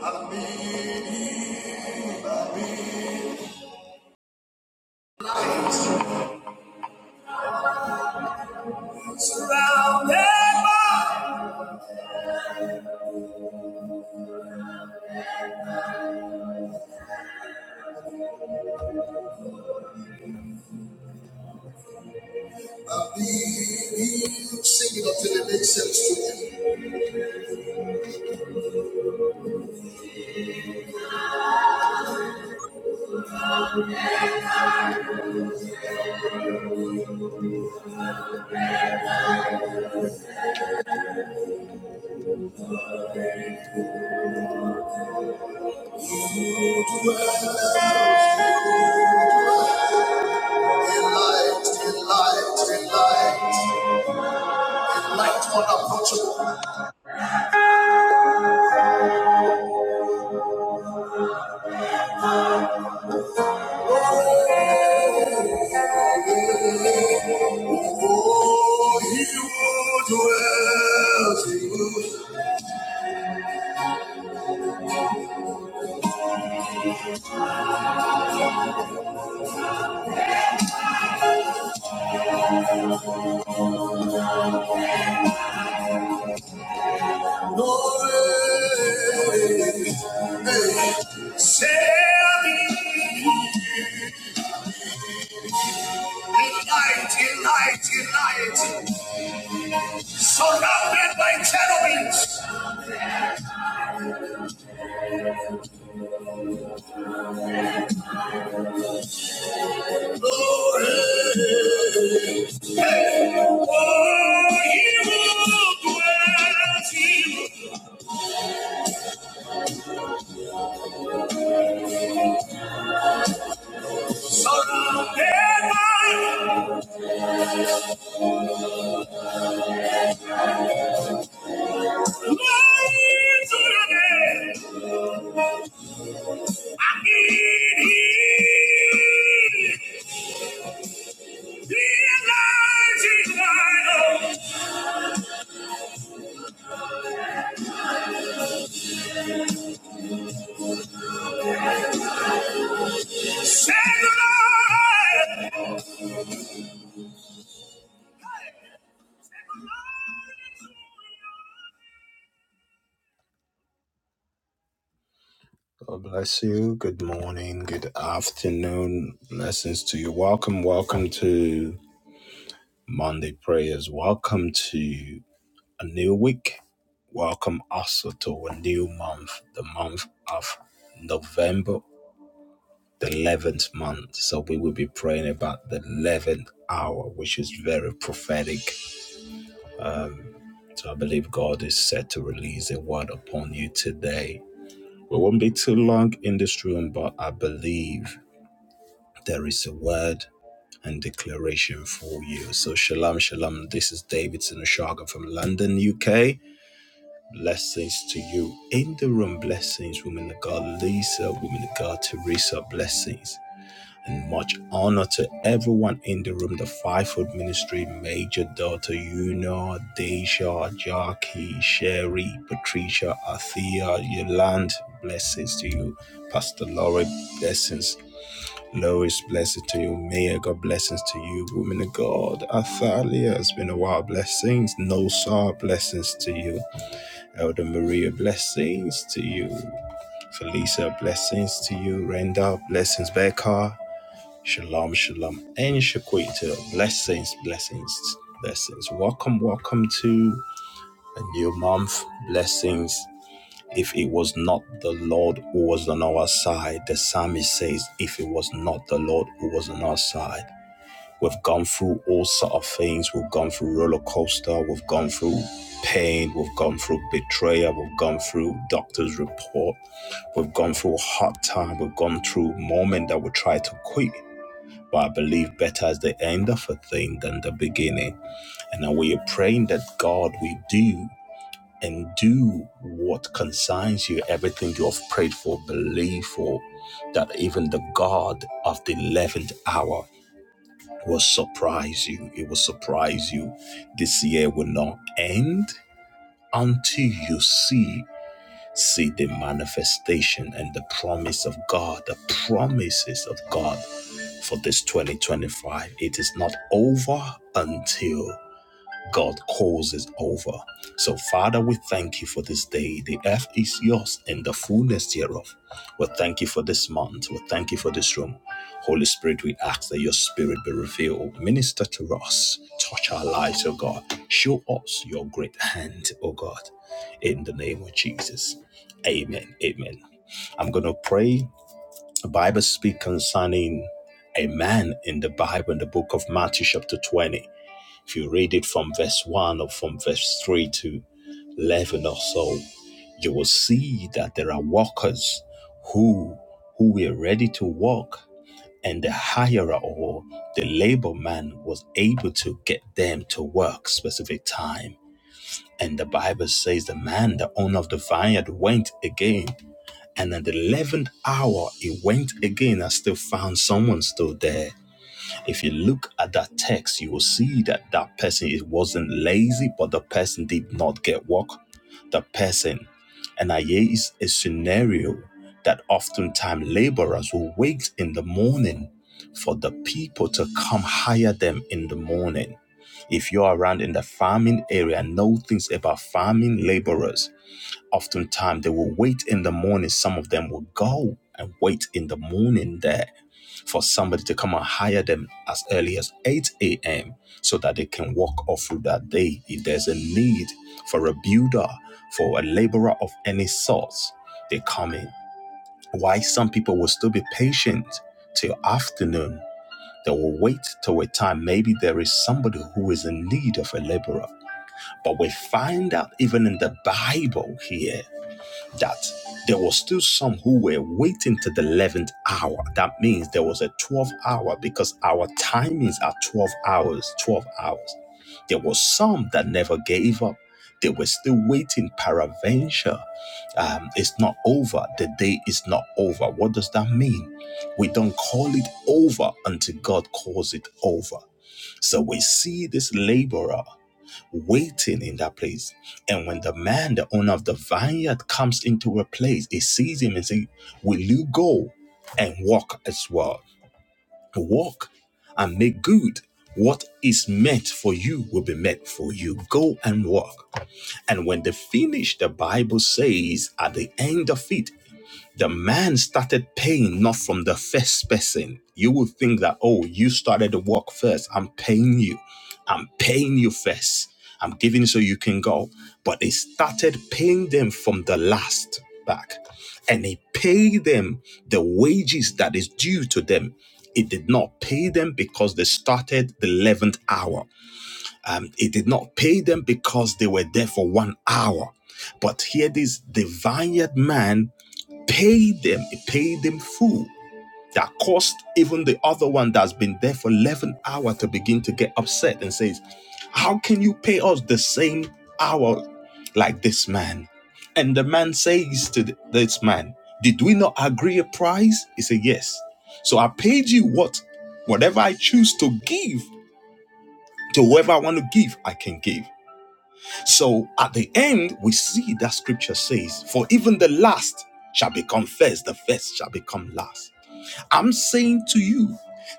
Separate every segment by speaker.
Speaker 1: I've been, i surrounded by. I've been singing until it makes sense to you. Enlight, enlight, enlight, enlight, unapproachable. Oh, he who dwells in glory. Say, I've been enlight, enlight, enlight. surrounded by cherubims. Glory. Oh, you dwells in, surrounded by lights of heaven. I need you. The enlightened light of Shanghai. God bless you. Good morning. Good afternoon. Blessings to you. Welcome. Welcome to Monday prayers. Welcome to a new week. Welcome also to a new month, the month of November, the 11th month. So we will be praying about the 11th hour, which is very prophetic. So I believe God is set to release a word upon you today. We won't be too long in this room, but I believe there is a word and declaration for you. So shalom, shalom. This is David Sinushaga from London, UK Blessings to you. In the room, blessings, woman of God, Lisa, woman of God, Teresa, blessings. And much honor to everyone in the room, the fivefold ministry, Major Daughter Una, Deja, Jackie, Sherry, Patricia, Athea, Yolande, blessings to you. Pastor Laurie, blessings. Lois, blessings to you. Mayor, God, blessings to you. Woman of God, Athalia, it's been a while. Blessings. No blessings to you. Elder Maria, blessings to you. Felisa, blessings to you. Renda, blessings. Becca, shalom, shalom. And Shaquita, blessings, blessings, blessings. Welcome, welcome to a new month. Blessings. If it was not the Lord who was on our side, the psalmist says, if it was not the Lord who was on our side. We've gone through all sort of things. We've gone through roller coaster. We've gone through pain. We've gone through betrayal. We've gone through doctor's report. We've gone through hard time. We've gone through moment that we try to quit. But I believe better is the end of a thing than the beginning. And now we are praying that God will do and do what concerns you, everything you have prayed for, believe for, that even the God of the 11th hour will surprise you. It will surprise you. This year will not end until you see see the manifestation and the promise of God, the promises of God for this 2025. It is not over until God calls is over. So, Father, we thank you for this day. The earth is yours and the fullness thereof. We thank you for this month. We thank you for this room. Holy Spirit, we ask that your spirit be revealed. Minister to us. Touch our lives, O God. Show us your great hand, O God. In the name of Jesus. Amen. Amen. I'm going to pray. The Bible speak concerning a man in the Bible in the book of Matthew, chapter 20. If you read it from verse 1 or from verse 3 to 11 or so, you will see that there are walkers who who were ready to walk and the hirer or the labor man was able to get them to work specific time and the bible says the man the owner of the vineyard went again and at the 11th hour he went again and still found someone still there if you look at that text, you will see that that person it wasn't lazy, but the person did not get work. The person, and Aye is a scenario that oftentimes laborers will wait in the morning for the people to come hire them in the morning. If you're around in the farming area, know things about farming laborers. Oftentimes they will wait in the morning. Some of them will go and wait in the morning there for somebody to come and hire them as early as 8 a.m. so that they can walk off through that day. If there's a need for a builder, for a laborer of any sort, they come in. Why some people will still be patient till afternoon. They will wait till a time. Maybe there is somebody who is in need of a laborer. But we find out even in the Bible here that there was still some who were waiting to the 11th hour. That means there was a 12 hour because our timings are 12 hours, 12 hours. There was some that never gave up. They were still waiting. Paraventure um, is not over. The day is not over. What does that mean? We don't call it over until God calls it over. So we see this laborer waiting in that place. And when the man, the owner of the vineyard, comes into a place, he sees him and says, Will you go and walk as well? Walk and make good. What is meant for you will be meant for you. Go and walk. And when they finish, the Bible says at the end of it, the man started paying not from the first person. You would think that, oh, you started the work first. I'm paying you. I'm paying you first. I'm giving so you can go. But he started paying them from the last back. And he paid them the wages that is due to them. It did not pay them because they started the 11th hour. Um, it did not pay them because they were there for one hour. But here, this divine man pay them, pay them full. That caused even the other one that's been there for 11 hours to begin to get upset and says, how can you pay us the same hour like this man? And the man says to th- this man, did we not agree a price? He said, yes. So I paid you what? Whatever I choose to give to whoever I want to give, I can give. So at the end, we see that scripture says, For even the last shall become first, the first shall become last. I'm saying to you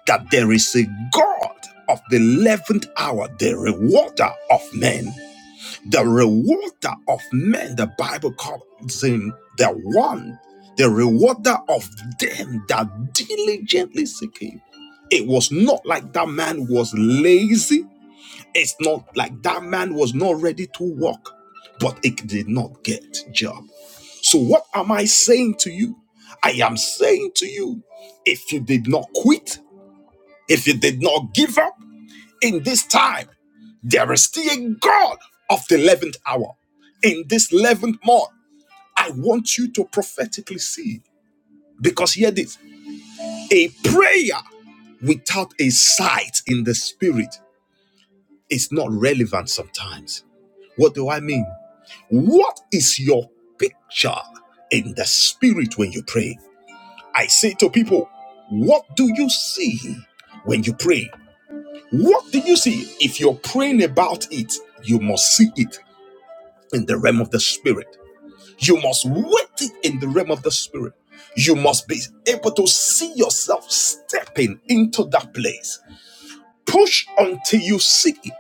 Speaker 1: that there is a God of the 11th hour, the rewarder of men. The rewarder of men, the Bible calls him the one, the rewarder of them that diligently seek him. It was not like that man was lazy it's not like that man was not ready to walk, but it did not get job. So what am I saying to you? I am saying to you, if you did not quit, if you did not give up in this time, there is still a God of the 11th hour. In this 11th month, I want you to prophetically see. Because hear this a prayer without a sight in the spirit is not relevant sometimes. What do I mean? What is your picture in the spirit when you pray? I say to people, what do you see when you pray? What do you see? If you're praying about it, you must see it in the realm of the spirit. You must wait it in the realm of the spirit. You must be able to see yourself stepping into that place. Push until you see it.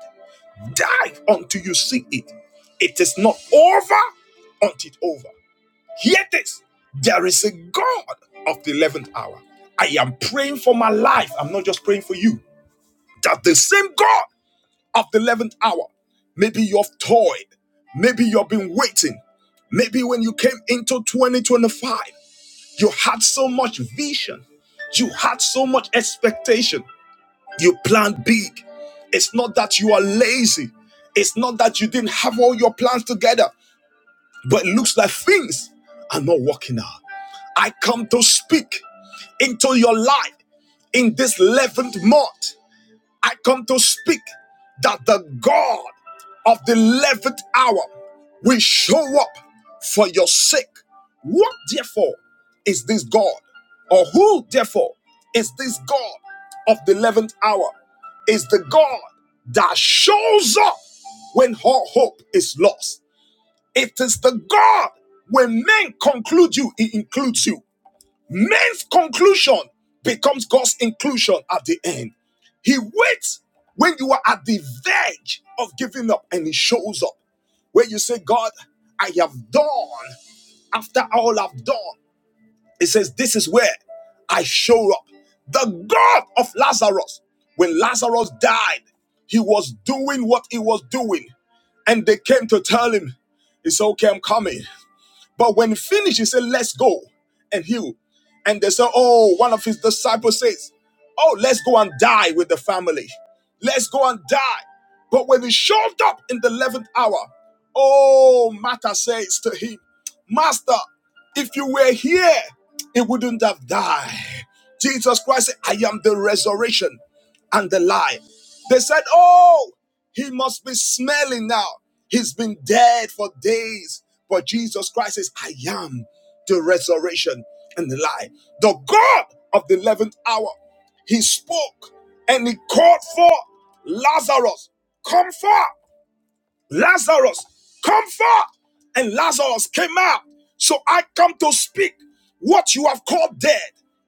Speaker 1: Dive until you see it. It is not over until it's over. Hear this there is a God of the 11th hour. I am praying for my life. I'm not just praying for you. That the same God of the 11th hour, maybe you've toyed, maybe you've been waiting, maybe when you came into 2025, you had so much vision, you had so much expectation, you planned big. It's not that you are lazy, it's not that you didn't have all your plans together, but it looks like things are not working out. I come to speak into your life in this 11th month. I come to speak that the God of the 11th hour will show up for your sake. What therefore is this God? Or who therefore is this God of the 11th hour? Is the God that shows up when all hope is lost. It is the God when men conclude you, he includes you. Man's conclusion becomes God's inclusion at the end. He waits when you are at the verge of giving up and he shows up. Where you say, God, I have done after all I've done. It says, This is where I show up. The God of Lazarus, when Lazarus died, he was doing what he was doing. And they came to tell him, It's okay, I'm coming. But when finished, he said, Let's go and heal. And they said, Oh, one of his disciples says, Oh, let's go and die with the family. Let's go and die. But when he showed up in the 11th hour, oh, Martha says to him, Master, if you were here, it wouldn't have died. Jesus Christ said, I am the resurrection and the life. They said, Oh, he must be smelling now. He's been dead for days. But Jesus Christ says, I am the resurrection and the life. The God of the 11th hour, he spoke and he called for Lazarus, come forth. Lazarus, come forth. And Lazarus came out. So I come to speak what you have called dead,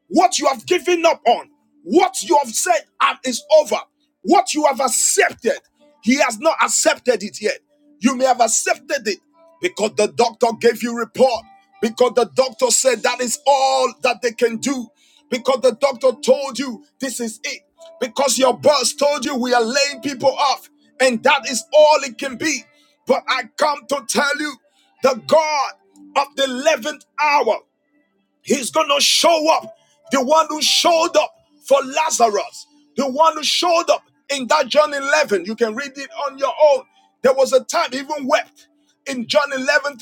Speaker 1: what you have given up on, what you have said um, is over, what you have accepted. He has not accepted it yet. You may have accepted it because the doctor gave you report, because the doctor said that is all that they can do, because the doctor told you this is it, because your boss told you we are laying people off, and that is all it can be. But I come to tell you, the God of the 11th hour. He's going to show up. The one who showed up for Lazarus, the one who showed up in that John 11. You can read it on your own. There was a time he even wept in John 11:35.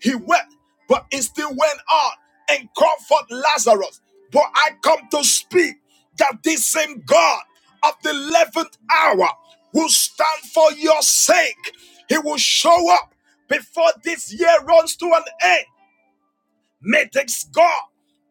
Speaker 1: He wept, but it still went on and comforted Lazarus. But I come to speak that this same God of the 11th hour will stand for your sake. He will show up before this year runs to an end. May thanks God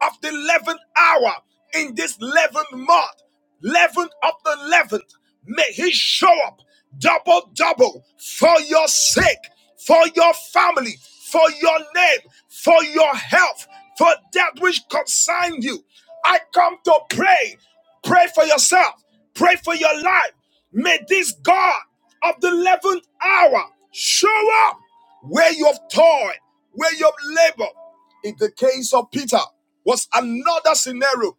Speaker 1: of the 11th hour in this 11th month, 11th of the 11th. May He show up double, double for your sake, for your family, for your name, for your health, for that which concerns you. I come to pray. Pray for yourself. Pray for your life. May this God of the 11th hour show up where you've toiled, where you've labored. In the case of Peter, was another scenario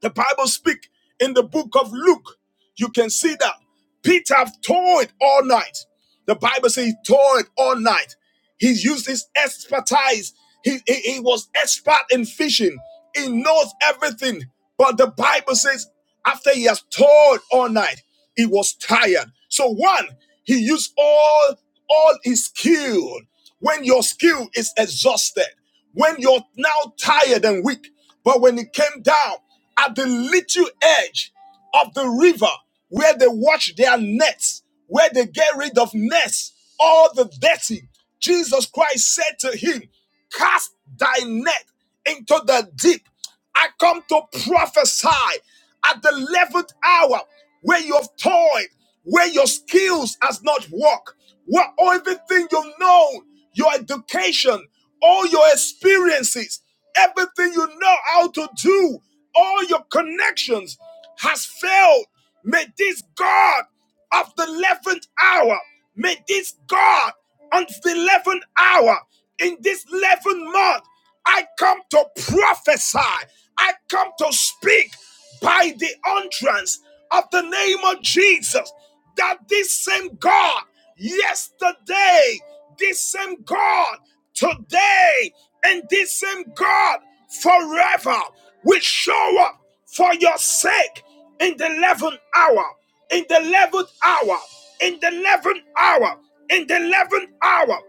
Speaker 1: the Bible speak in the book of Luke. You can see that Peter toiled all night. The Bible says he toiled all night. He used his expertise. He, he, he was expert in fishing. He knows everything. But the Bible says after he has toiled all night, he was tired. So one, he used all all his skill. When your skill is exhausted, when you're now tired and weak, but when he came down at the little edge of the river where they wash their nets, where they get rid of nets, all the dirty. Jesus Christ said to him, Cast thy net into the deep. I come to prophesy at the 11th hour where you have toiled, where your skills has not worked, where everything you have known, your education, all your experiences. Everything you know how to do, all your connections has failed. May this God of the 11th hour, may this God on the 11th hour in this 11th month, I come to prophesy, I come to speak by the entrance of the name of Jesus that this same God yesterday, this same God today, and this same God forever will show up for your sake in the 11th hour, in the 11th hour, in the 11th hour, in the 11th hour.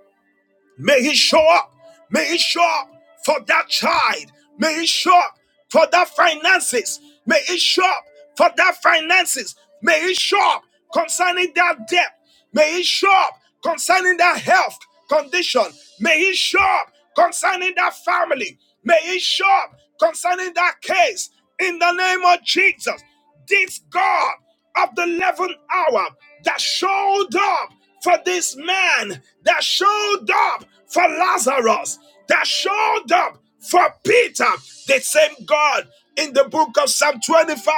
Speaker 1: May he show up. May he show up for that child. May he show up for that finances. May he show up for that finances. May he show up concerning that debt. May he show up concerning that health condition. May he show up concerning that family. May he show up concerning that case in the name of Jesus this God of the 11th hour that showed up for this man, that showed up for Lazarus, that showed up for Peter, the same God in the book of Psalm 25,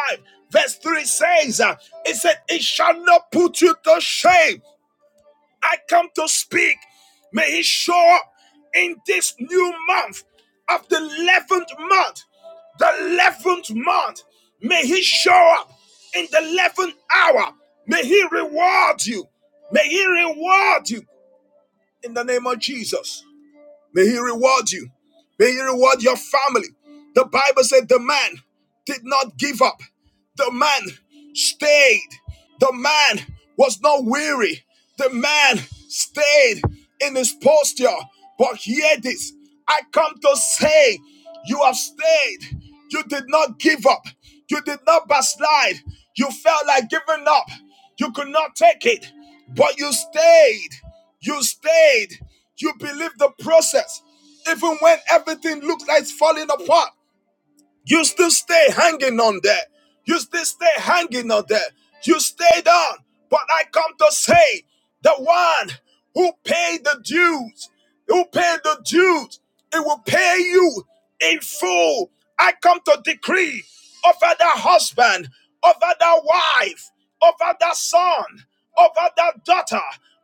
Speaker 1: verse 3 says, uh, It said, It shall not put you to shame I come to speak. May He show up in this new month of the 11th month. The 11th month. May He show up in the 11th hour. May He reward you. May He reward you in the name of Jesus. May He reward you. May He reward your family. The Bible said the man did not give up, the man stayed, the man was not weary, the man stayed in his posture. But hear this I come to say, you have stayed, you did not give up, you did not backslide, you felt like giving up, you could not take it, but you stayed, you stayed. You believe the process, even when everything looks like it's falling apart. You still stay hanging on there. You still stay hanging on there. You stayed on, But I come to say, the one who paid the dues, who paid the dues, it will pay you in full. I come to decree over that husband, over that wife, over that son, over that daughter,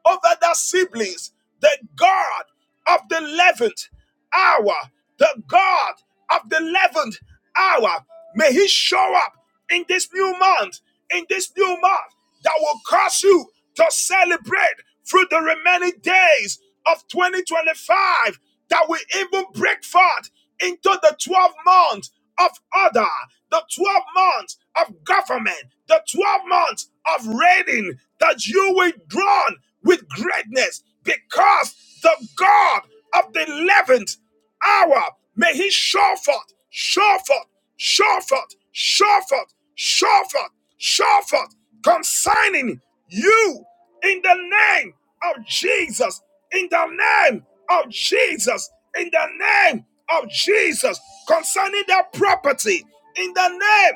Speaker 1: over that siblings, that God of the 11th hour, the God of the 11th hour, may He show up in this new month, in this new month that will cause you to celebrate through the remaining days of 2025, that will even break forth into the 12 months of order, the 12 months of government, the 12 months of reigning, that you will drawn with greatness because the God of the 11th hour, may he show forth, show forth, show forth, show forth, show forth, show forth, consigning you in the name of Jesus, in the name of Jesus, in the name of Jesus, concerning their property, in the name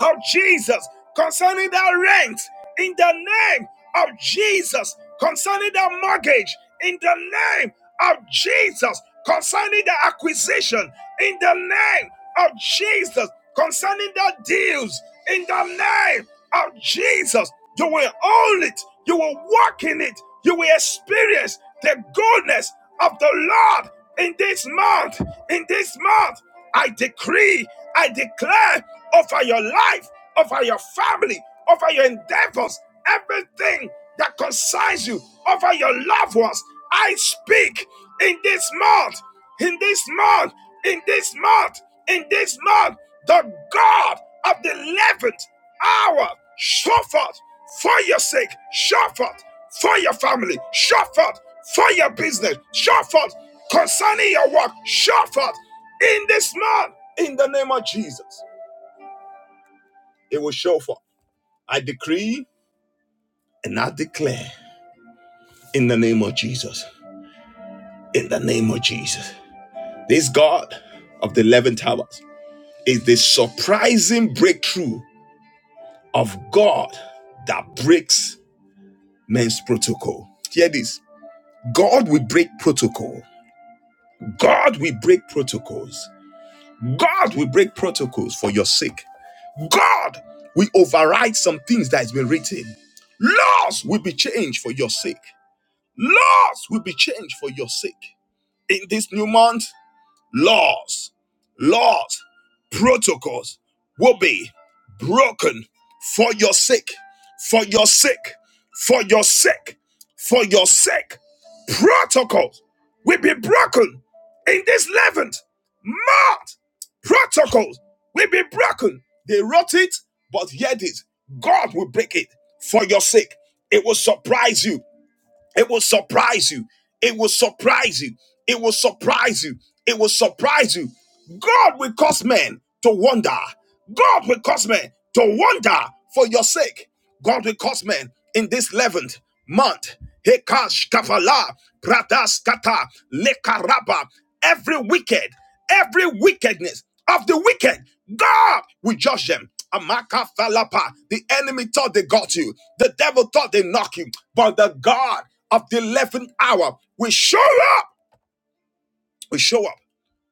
Speaker 1: of Jesus concerning that rent in the name of Jesus concerning that mortgage in the name of Jesus concerning the acquisition in the name of Jesus concerning the deals in the name of Jesus you will own it you will walk in it you will experience the goodness of the Lord in this month in this month I decree, I declare over your life, over your family, over your endeavors, everything that concerns you, over your loved ones. I speak in this month, in this month, in this month, in this month, the God of the 11th hour, show forth for your sake, show forth for your family, show forth for your business, show forth concerning your work, show forth in this month, in the name of Jesus. It will show forth. I decree and I declare in the name of Jesus. In the name of Jesus. This God of the 11 towers is the surprising breakthrough of God that breaks men's protocol. Hear this God will break protocol. God will break protocols. God will break protocols for your sake. God will override some things that has been written. Laws will be changed for your sake. Laws will be changed for your sake. In this new month, laws, laws, protocols will be broken for your sake, for your sake, for your sake, for your sake. Protocols will be broken in this 11th month. Protocols will be broken. They wrote it, but yet it. God will break it for your sake. It will surprise you. It will surprise you. It will surprise you. It will surprise you. It will surprise you. God will cause men to wonder. God will cause men to wonder for your sake. God will cause men in this 11th month. Hekash kavala, pradas kata, lekaraba. Every wicked, every wickedness of the wicked, God will judge them. Amaka falapa. The enemy thought they got you. The devil thought they knocked you. But the God of the 11th hour. We show up. We show up.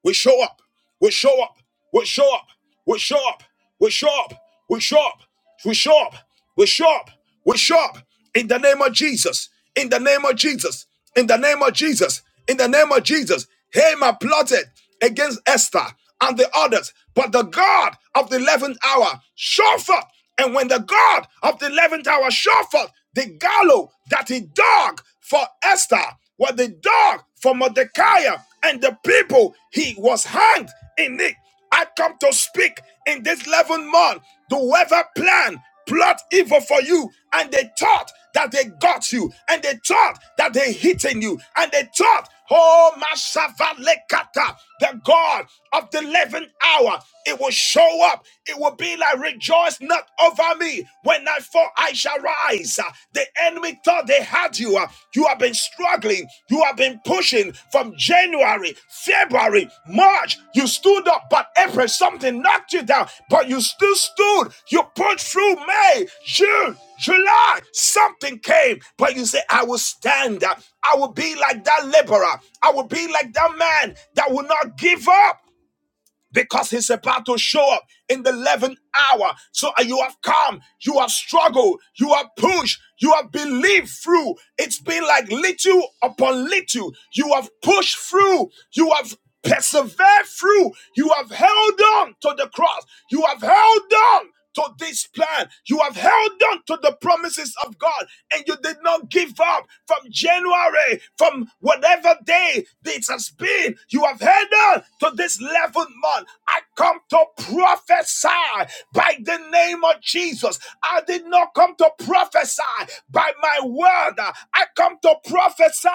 Speaker 1: We show up. We show up. We show up. We show up. We show up. We show up. We show up. We show up. We show up. In the name of Jesus. In the name of Jesus. In the name of Jesus. In the name of Jesus. Haman plotted against Esther and the others, but the God of the 11th hour showed up and when the God of the 11th hour showed forth the gallows that he dug for Esther, what the dog for Mordecai and the people, he was hanged in it. I come to speak in this 11th month. Do whoever plan, plot evil for you, and they thought that they got you, and they thought that they hitting you, and they thought, oh, Mashavalekata the God of the 11th hour. It will show up. It will be like, Rejoice not over me. When I fall, I shall rise. Uh, The enemy thought they had you. Uh, You have been struggling. You have been pushing from January, February, March. You stood up, but April, something knocked you down. But you still stood. You put through May, June, July, something came, but you say, I will stand. I will be like that laborer. I will be like that man that will not give up because he's about to show up in the 11th hour. So uh, you have come, you have struggled, you have pushed, you have believed through. It's been like little upon little. You have pushed through, you have persevered through, you have held on to the cross, you have held on to this plan. You have held on to the promises of God and you did not give up from January, from whatever day this has been. You have held on to this 11th month. I come to prophesy by the name of Jesus. I did not come to prophesy by my word. I come to prophesy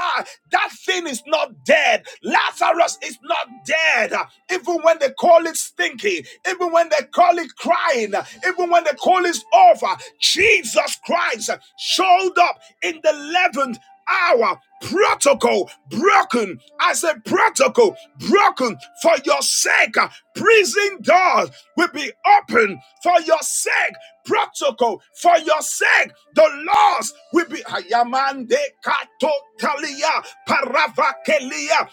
Speaker 1: that thing is not dead. Lazarus is not dead. Even when they call it stinky, even when they call it crying, even when they call it over, Jesus Christ showed up in the 11th hour. Protocol broken. I said, protocol broken for your sake. Prison doors will be open for your sake. Protocol for your sake. The laws will be. Ayamande katotalia paravakelia.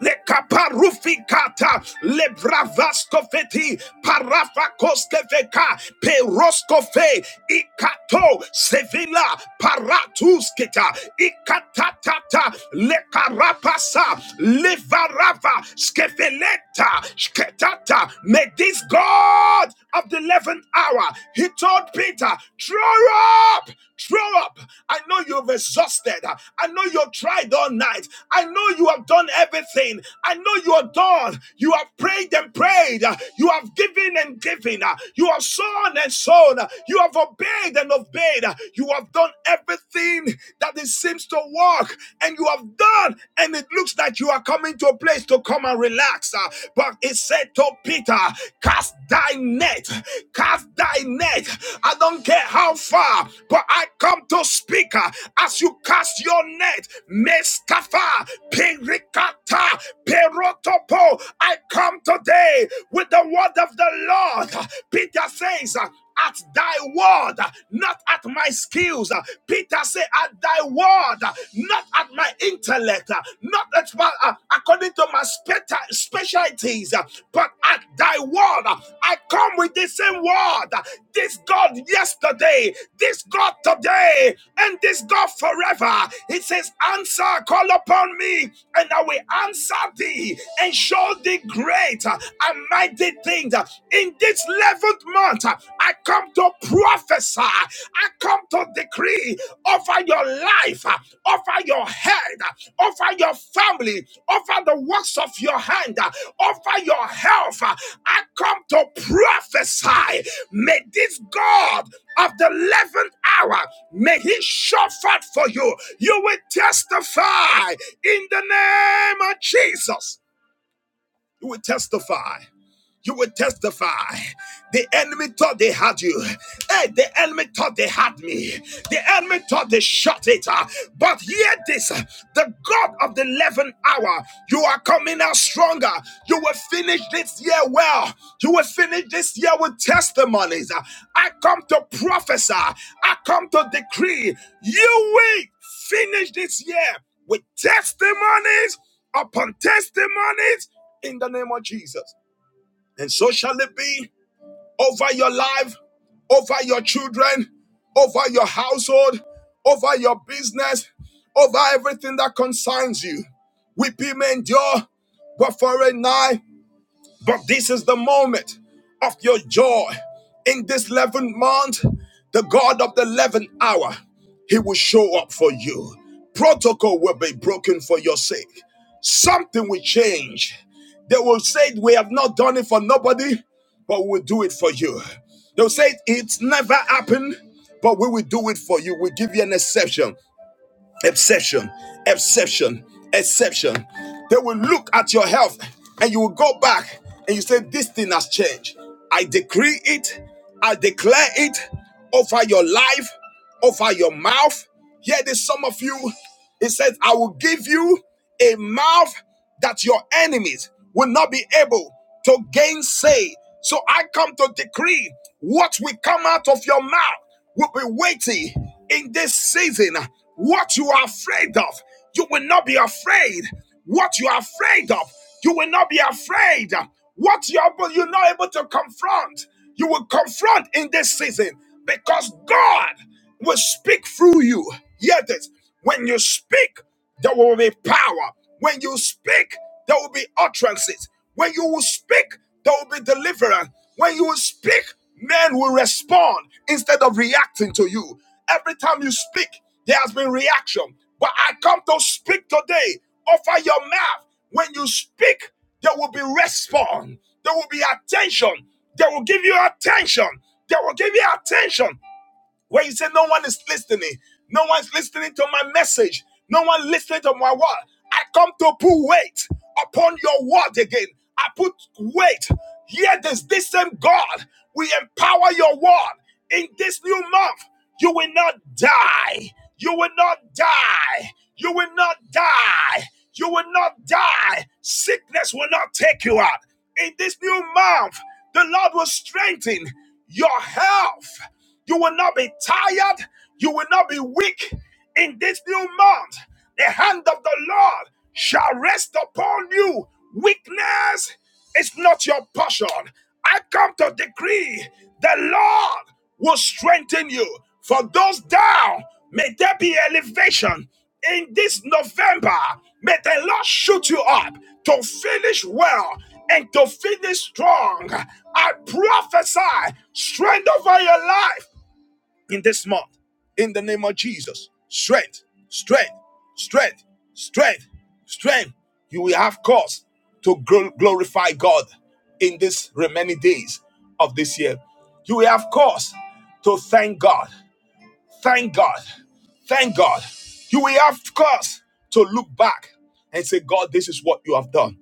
Speaker 1: Le kaparufikata le bravaskofeti parafakoskeveka peroskofe ikato sevila paratuskita ikatatata le karapasa le varava skeveleta sketata may this God of the 11th hour he told Peter throw up Show up. I know you've exhausted. I know you've tried all night. I know you have done everything. I know you are done. You have prayed and prayed. You have given and given. You have sown and sown. You have obeyed and obeyed. You have done everything that it seems to work. And you have done, and it looks like you are coming to a place to come and relax. But it said to Peter. Peter, cast thy net, cast thy net. I don't care how far, but I come to speak. uh, As you cast your net, Meskafa, Perikata, Perotopo, I come today with the word of the Lord. Peter says, uh, at thy word, not at my skills. Peter said, at thy word, not at my intellect, not at my, uh, according to my speta- specialties, but at thy word. I come with the same word. This God yesterday, this God today, and this God forever. He says, answer, call upon me, and I will answer thee and show thee great and mighty things uh, in this 11th month. uh, I come to prophesy, I come to decree over your life, uh, over your head, uh, over your family, over the works of your hand, uh, over your health. uh, I come to prophesy. May this God of the 11th hour, may he show forth for you. You will testify in the name of Jesus. You will testify you will testify. The enemy thought they had you. Hey, the enemy thought they had me. The enemy thought they shot it. Uh, But hear this uh, the God of the 11th hour, you are coming out stronger. You will finish this year well. You will finish this year with testimonies. Uh, I come to prophesy, I come to decree you will finish this year with testimonies upon testimonies in the name of Jesus. And so shall it be over your life, over your children, over your household, over your business, over everything that concerns you. Weeping may endure, but for a night. But this is the moment of your joy. In this 11th month, the God of the 11th hour, He will show up for you. Protocol will be broken for your sake. Something will change. They will say, We have not done it for nobody, but we'll do it for you. They'll say, It's never happened, but we will do it for you. We give you an exception exception, exception, exception. They will look at your health and you will go back and you say, This thing has changed. I decree it, I declare it over your life, over your mouth. Here it is, some of you. It says, I will give you a mouth that your enemies will not be able to gainsay. So I come to decree what will come out of your mouth will be weighty in this season. What you are afraid of, you will not be afraid. What you are afraid of, you will not be afraid. What you're, you're not able to confront, you will confront in this season because God will speak through you. Hear this. When you speak, there will be power. When you speak, there will be utterances. When you will speak, there will be deliverance. When you will speak, men will respond instead of reacting to you. Every time you speak, there has been reaction. But I come to speak today. Offer your mouth. When you speak, there will be response. There will be attention. They will give you attention. They will give you attention where you say no one is listening, no one's listening to my message, no one listening to my word. I come to put weight upon your word again. I put weight. Here this this same God. We empower your word in this new month. You will not die. You will not die. You will not die. You will not die. Sickness will not take you out. In this new month, the Lord will strengthen your health. You will not be tired. You will not be weak in this new month. The hand of the Lord shall rest upon you. Weakness is not your portion. I come to decree the Lord will strengthen you. For those down, may there be elevation in this November, may the Lord shoot you up to finish well and to finish strong. I prophesy strength over your life in this month. In the name of Jesus, strength, strength, strength, strength, strength. You will have cause to glorify God in these remaining days of this year. You will have cause to thank God. Thank God. Thank God. You will have cause to look back and say, God, this is what you have done.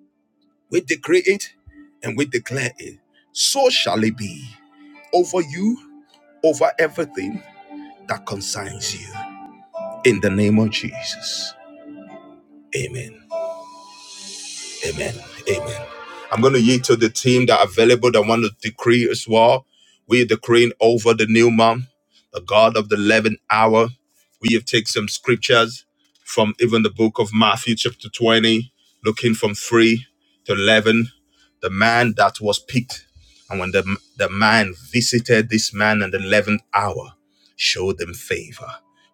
Speaker 1: We decree it and we declare it. So shall it be over you, over everything that concerns you. In the name of Jesus. Amen. Amen. Amen. I'm going to yield to the team that are available that want to decree as well. We're decreeing over the new month, the God of the 11th hour. We have taken some scriptures from even the book of Matthew, chapter 20, looking from 3 to 11. The man that was picked, and when the, the man visited this man in the 11th hour, showed them favor.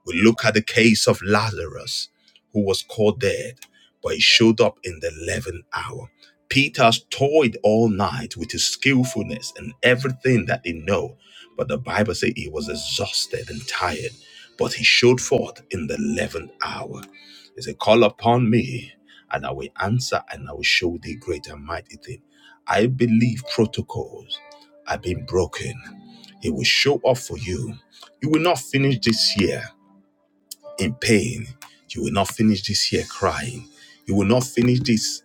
Speaker 1: We look at the case of Lazarus, who was called dead but he showed up in the 11th hour. Peter toyed all night with his skillfulness and everything that he know, but the Bible says he was exhausted and tired, but he showed forth in the 11th hour. He said, call upon me and I will answer and I will show thee great and mighty thing. I believe protocols are being broken. He will show up for you. You will not finish this year in pain. You will not finish this year crying. You will not finish this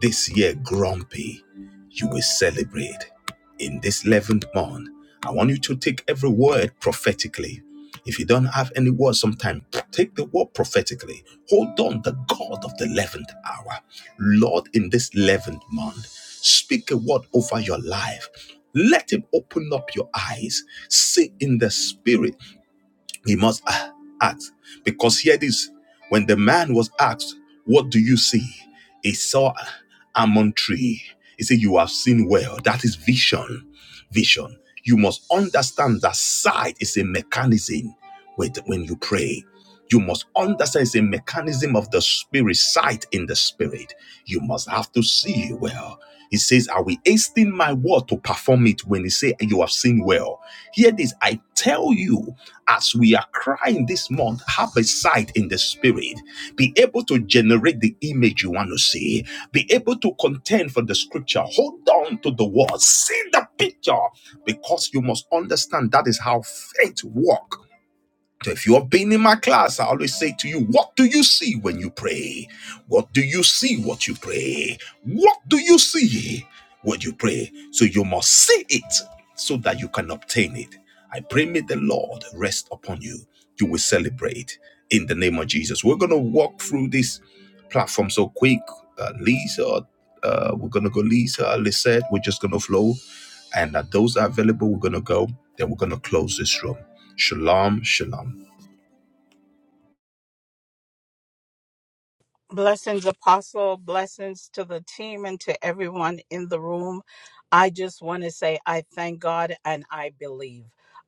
Speaker 1: this year grumpy. You will celebrate in this 11th month. I want you to take every word prophetically. If you don't have any word sometime, take the word prophetically. Hold on the God of the 11th hour. Lord, in this 11th month, speak a word over your life. Let him open up your eyes. See in the spirit he must act. Because here it is. When the man was asked, What do you see? He saw an almond tree. He said, You have seen well. That is vision. Vision. You must understand that sight is a mechanism with when you pray. You must understand it's a mechanism of the spirit, sight in the spirit. You must have to see well. He says, I will hasten my word to perform it when he say you have seen well. Hear this, I tell you, as we are crying this month, have a sight in the spirit. Be able to generate the image you want to see. Be able to contend for the scripture. Hold on to the word. See the picture because you must understand that is how faith works. So If you have been in my class, I always say to you, What do you see when you pray? What do you see what you pray? What do you see when you pray? So you must see it so that you can obtain it. I pray, may the Lord rest upon you. You will celebrate in the name of Jesus. We're going to walk through this platform so quick. Uh, Lisa, uh, we're going to go Lisa, Lisette, we're just going to flow. And uh, those are available, we're going to go. Then we're going to close this room. Shalom, shalom.
Speaker 2: Blessings, Apostle. Blessings to the team and to everyone in the room. I just want to say I thank God and I believe.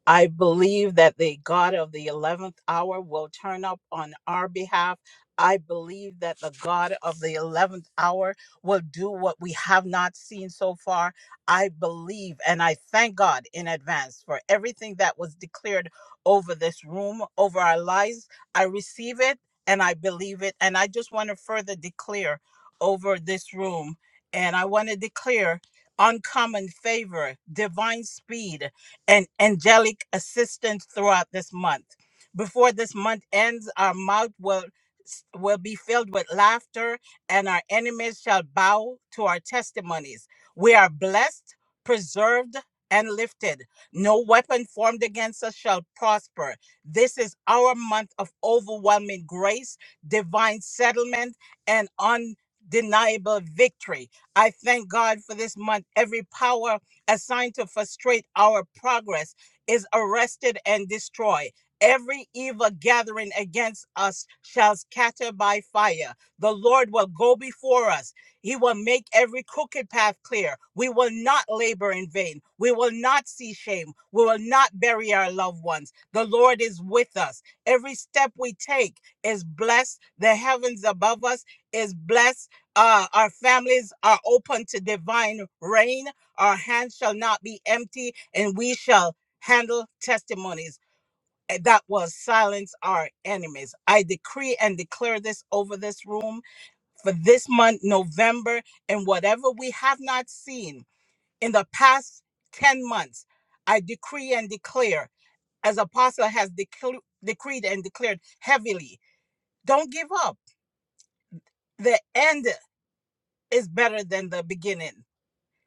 Speaker 2: I believe that the God of the 11th hour will turn up on our behalf. I believe that the God of the 11th hour will do what we have not seen so far. I believe and I thank God in advance for everything that was declared over this room, over our lives. I receive it and I believe it. And I just want to further declare over this room, and I want to declare uncommon favor, divine speed, and angelic assistance throughout this month. Before this month ends, our mouth will will be filled with laughter and our enemies shall bow to our testimonies. We are blessed, preserved, and lifted. No weapon formed against us shall prosper this is our month of overwhelming grace, divine settlement, and undeniable victory. I thank God for this month. Every power assigned to frustrate our progress is arrested and destroyed. Every evil gathering against us shall scatter by fire. The Lord will go before us. He will make every crooked path clear. We will not labor in vain. We will not see shame. We will not bury our loved ones. The Lord is with us. Every step we take is blessed. The heavens above us is blessed. Uh, our families are open to divine rain. Our hands shall not be empty, and we shall handle testimonies Eh, that will silence our enemies. I decree and declare this over this room for this month, November, and whatever we have not seen in the past 10 months. I decree and declare as apostle has decl- decreed and declared heavily don't give up the end is better than the beginning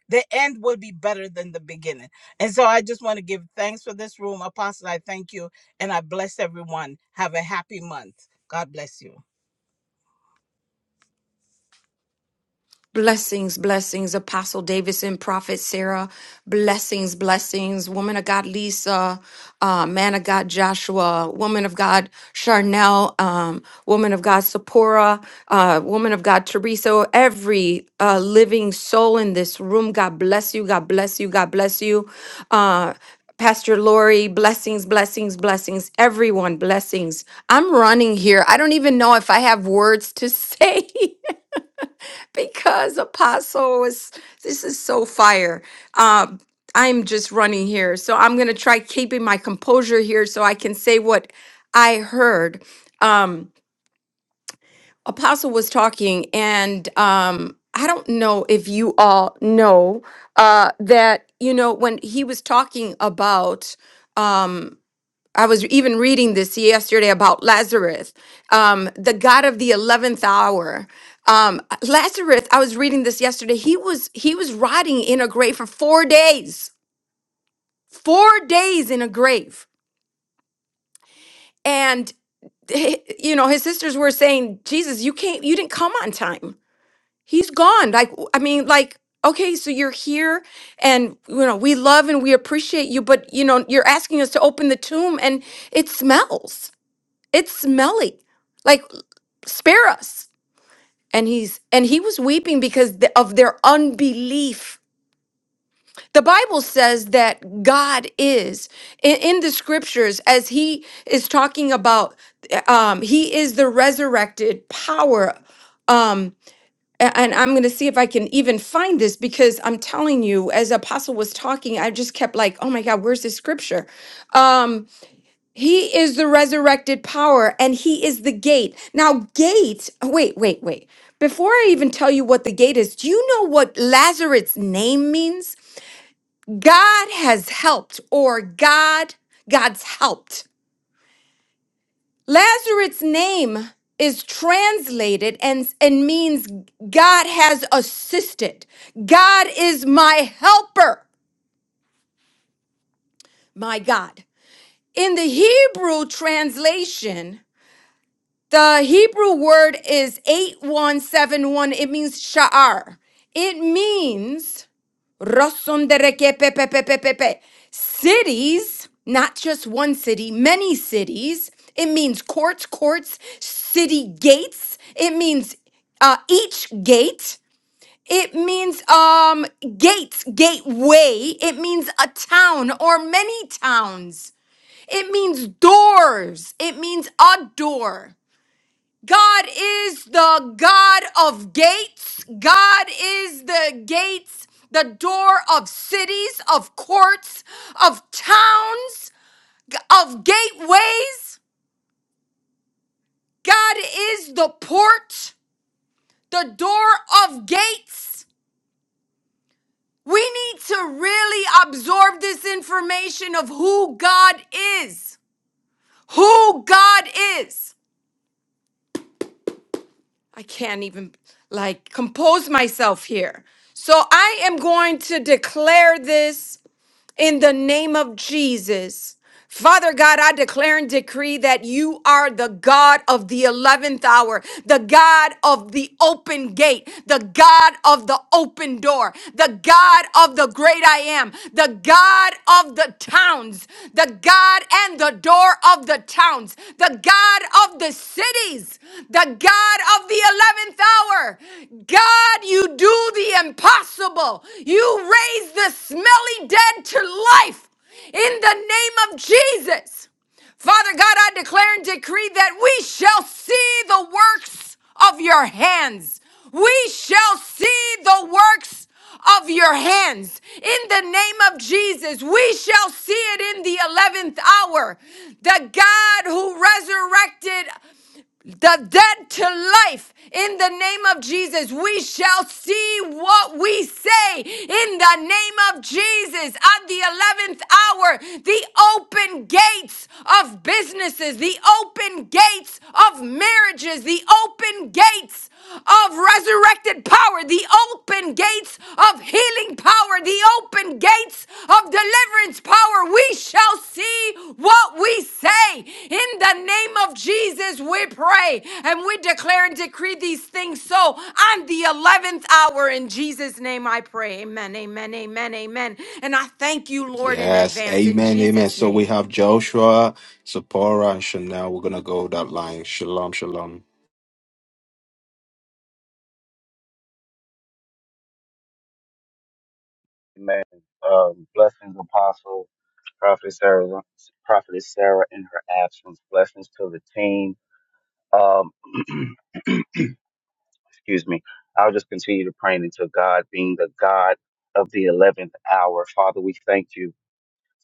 Speaker 2: the end will be better than the beginning and so i just want to give thanks for this room apostle i thank you and i bless everyone have a happy month god bless you
Speaker 3: Blessings, blessings, Apostle Davidson, Prophet Sarah. Blessings, blessings, woman of God, Lisa, uh, man of God, Joshua, woman of God, Charnel, um, woman of God, Sephora, uh, woman of God, Teresa, every uh, living soul in this room. God bless you. God bless you. God bless you. Uh, Pastor Lori, blessings, blessings, blessings. Everyone, blessings. I'm running here. I don't even know if I have words to say. because apostle was this is so fire um i'm just running here so i'm gonna try keeping my composure here so i can say what i heard um apostle was talking and um i don't know if you all know uh that you know when he was talking about um, I was even reading this yesterday about Lazarus, um, the God of the eleventh hour. Um, Lazarus, I was reading this yesterday. He was he was rotting in a grave for four days, four days in a grave, and h- you know his sisters were saying, "Jesus, you can't, you didn't come on time. He's gone." Like I mean, like okay, so you're here, and you know we love and we appreciate you, but you know you're asking us to open the tomb, and it smells it's smelly like spare us and he's and he was weeping because th- of their unbelief the bible says that god is in, in the scriptures as he is talking about um he is the resurrected power um a- and i'm going to see if i can even find this because i'm telling you as apostle was talking i just kept like oh my god where's this scripture Um, he is the resurrected power and he is the gate. Now, gate, oh, wait, wait, wait. Before I even tell you what the gate is, do you know what Lazarus' name means? God has helped or God, God's helped. Lazarus' name is translated and, and means God has assisted. God is my helper, my God. In the Hebrew translation, The Hebrew word is 8171. It means sha'ar. It means razón de re que pe- pe- pe- pe- pe- pe. cities, not just one city, many cities. It means courts, courts, city gates. It means uh, each gate. It means um gates, gateway. It means a town or many towns. It means doors. It means a door. God is the God of gates. God is the gates, the door of cities, of courts, of towns, of gateways. God is the port, the door of gates. We need to really absorb this information of who God is. Who God is. I can't even like compose myself here. So I am going to declare this in the name of Jesus. Father God, I declare and decree that you are the God of the 11th hour, the God of the open gate, the God of the open door, the God of the great I am, the God of the towns, nations, the God and the door of the towns, the God of the cities, the God of the 11th hour. God, you do the impossible. You raise the smelly dead to life in the name of Jesus. Father God, I declare and decree that we shall see the works of your hands. We shall see the works of your hands. In the name of Jesus, we shall see it in the 11th hour. The God who resurrected the dead to life in the name of Jesus. We shall see what we say in the name of Jesus. At the 11th hour, the open gates of businesses, the open gates of marriages, the open gates of resurrected power, the open gates of healing power, the open gates of deliverance power. We shall see what we say. In the name of Jesus, we pray and we declare and decree these things so on the 11th hour. In Jesus' name, I pray. Amen, amen, amen, amen. And I thank you, Lord, in
Speaker 1: Yes,
Speaker 3: advance. In
Speaker 1: amen, amen.
Speaker 3: Jesus'
Speaker 1: So we
Speaker 3: name.
Speaker 1: have Joshua, Zipporah, and Chanel. We're gonna go that line. Shalom, shalom.
Speaker 4: Amen. Um, blessings, Apostle, Prophet Sarah, Prophetess Sarah in her absence. Blessings to the team. Um, excuse me. I'll just continue to pray until God being the God of the 11th hour. Father, we thank you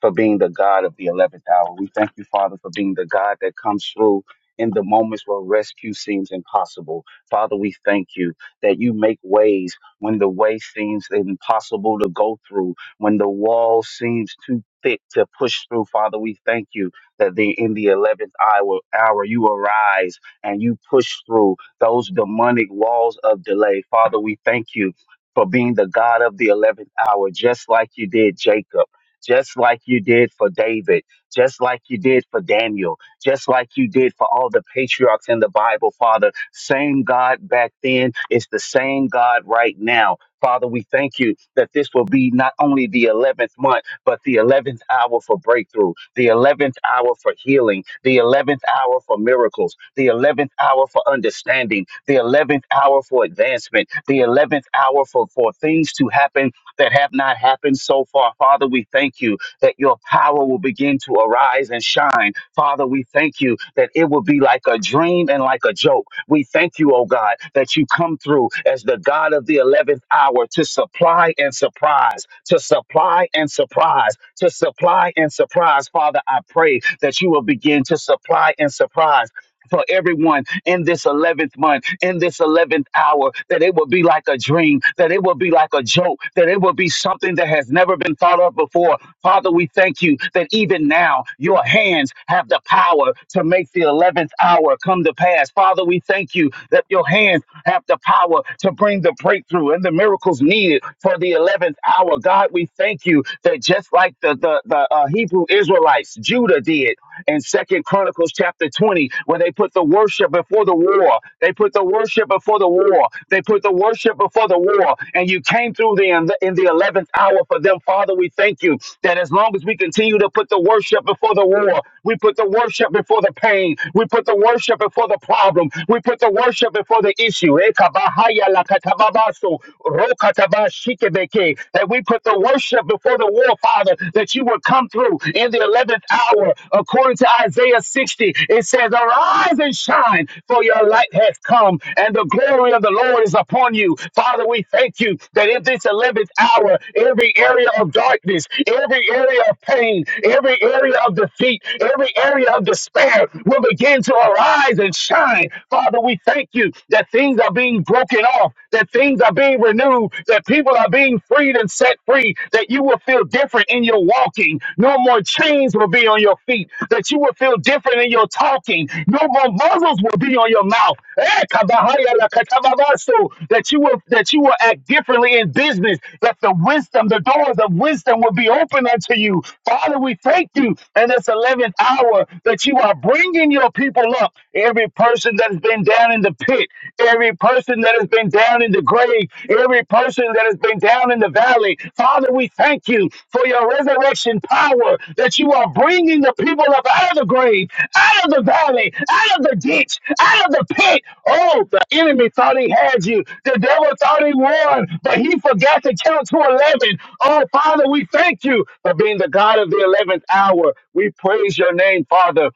Speaker 4: for being the God of the 11th hour. We thank you, Father, for being the God that comes through in the moments where rescue seems impossible. Father, we thank you that you make ways when the way seems impossible to go through, when the wall seems too thick to push through. Father, we thank you that the, in the 11th hour, hour, you arise and you push through those demonic walls of delay. Father, we thank you for being the God of the 11th hour, just like you did Jacob just like you did for David, just like you did for Daniel, just like you did for all the patriarchs in the Bible, Father. Same God back then is the same God right now. Father, we thank you that this will be not only the 11th month, but the 11th hour for breakthrough, the 11th hour for healing, the 11th hour for miracles, the 11th hour for understanding, the 11th hour for advancement, the 11th hour for, for things to happen that have not happened so far. Father, we thank you that your power will begin to arise and shine. Father, we thank you that it will be like a dream and like a joke. We thank you, oh God, that you come through as the God of the 11th hour to supply and surprise, to supply and surprise, to supply and surprise. Father, I pray that you will begin to supply and surprise. For everyone in this 11th month, in this 11th hour, that it will be like a dream, that it will be like a joke, that it will be something that has never been thought of before. Father, we thank you that even now your hands have the power to make the 11th hour come to pass. Father, we thank you that your hands have the power to bring the breakthrough and the miracles needed for the 11th hour. God, we thank you that just like the, the, the uh, Hebrew Israelites, Judah did, in second chronicles chapter 20 where they put the worship before the war they put the worship before the war they put the worship before the war and you came through them in the 11th hour for them father we thank you that as long as we continue to put the worship before the war we put the worship before the pain we put the worship before the problem we put the worship before the issue Ekabahaya lakatababaso, rokatabashikebeke. that we put the worship before the war prayer, Father, that you would come through in the 11th hour. According to Isaiah 60, it says, Arise and shine, for your light has come, and the glory of the Lord is upon you. Father, we thank you that in this 11th hour, every area of darkness, every area of pain, every area of defeat, every area of despair will begin to arise and shine. Father, we thank you that things are being broken off, that things are being renewed afternoon that people are being freed and set free, that you will feel different in your walking. No more chains will be on your feet, that you will feel different in your talking. No more muzzles will be on your mouth. Eh, kabahaya la katababaso, That you will that you will act differently in business, that the wisdom, the doors of wisdom will be open unto you. Father, we thank you in this 11th hour that you are bringing your people up. Every person that's been down in the pit, every person that has been down in the grave, every person that has been down in the valley. Father, we thank you for your resurrection power that you are bringing the people up out of the grave, out of the valley, out of the ditch, out of the pit. Oh, the enemy thought he had you. The devil thought he won, but he forgot to count to 11. Oh, Father, we thank you for being the God of the 11th hour. We praise your name, Father.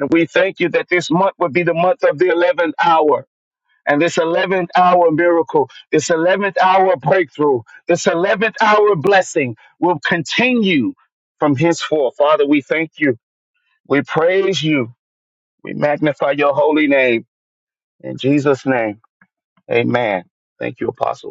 Speaker 4: And we thank you that this month would be the month of the 11th hour. And this 11th hour miracle, this 11th hour breakthrough, this 11th hour blessing will continue from henceforth. Father, we thank you. We praise you. We magnify your holy name. In Jesus' name, amen. Thank you, Apostle.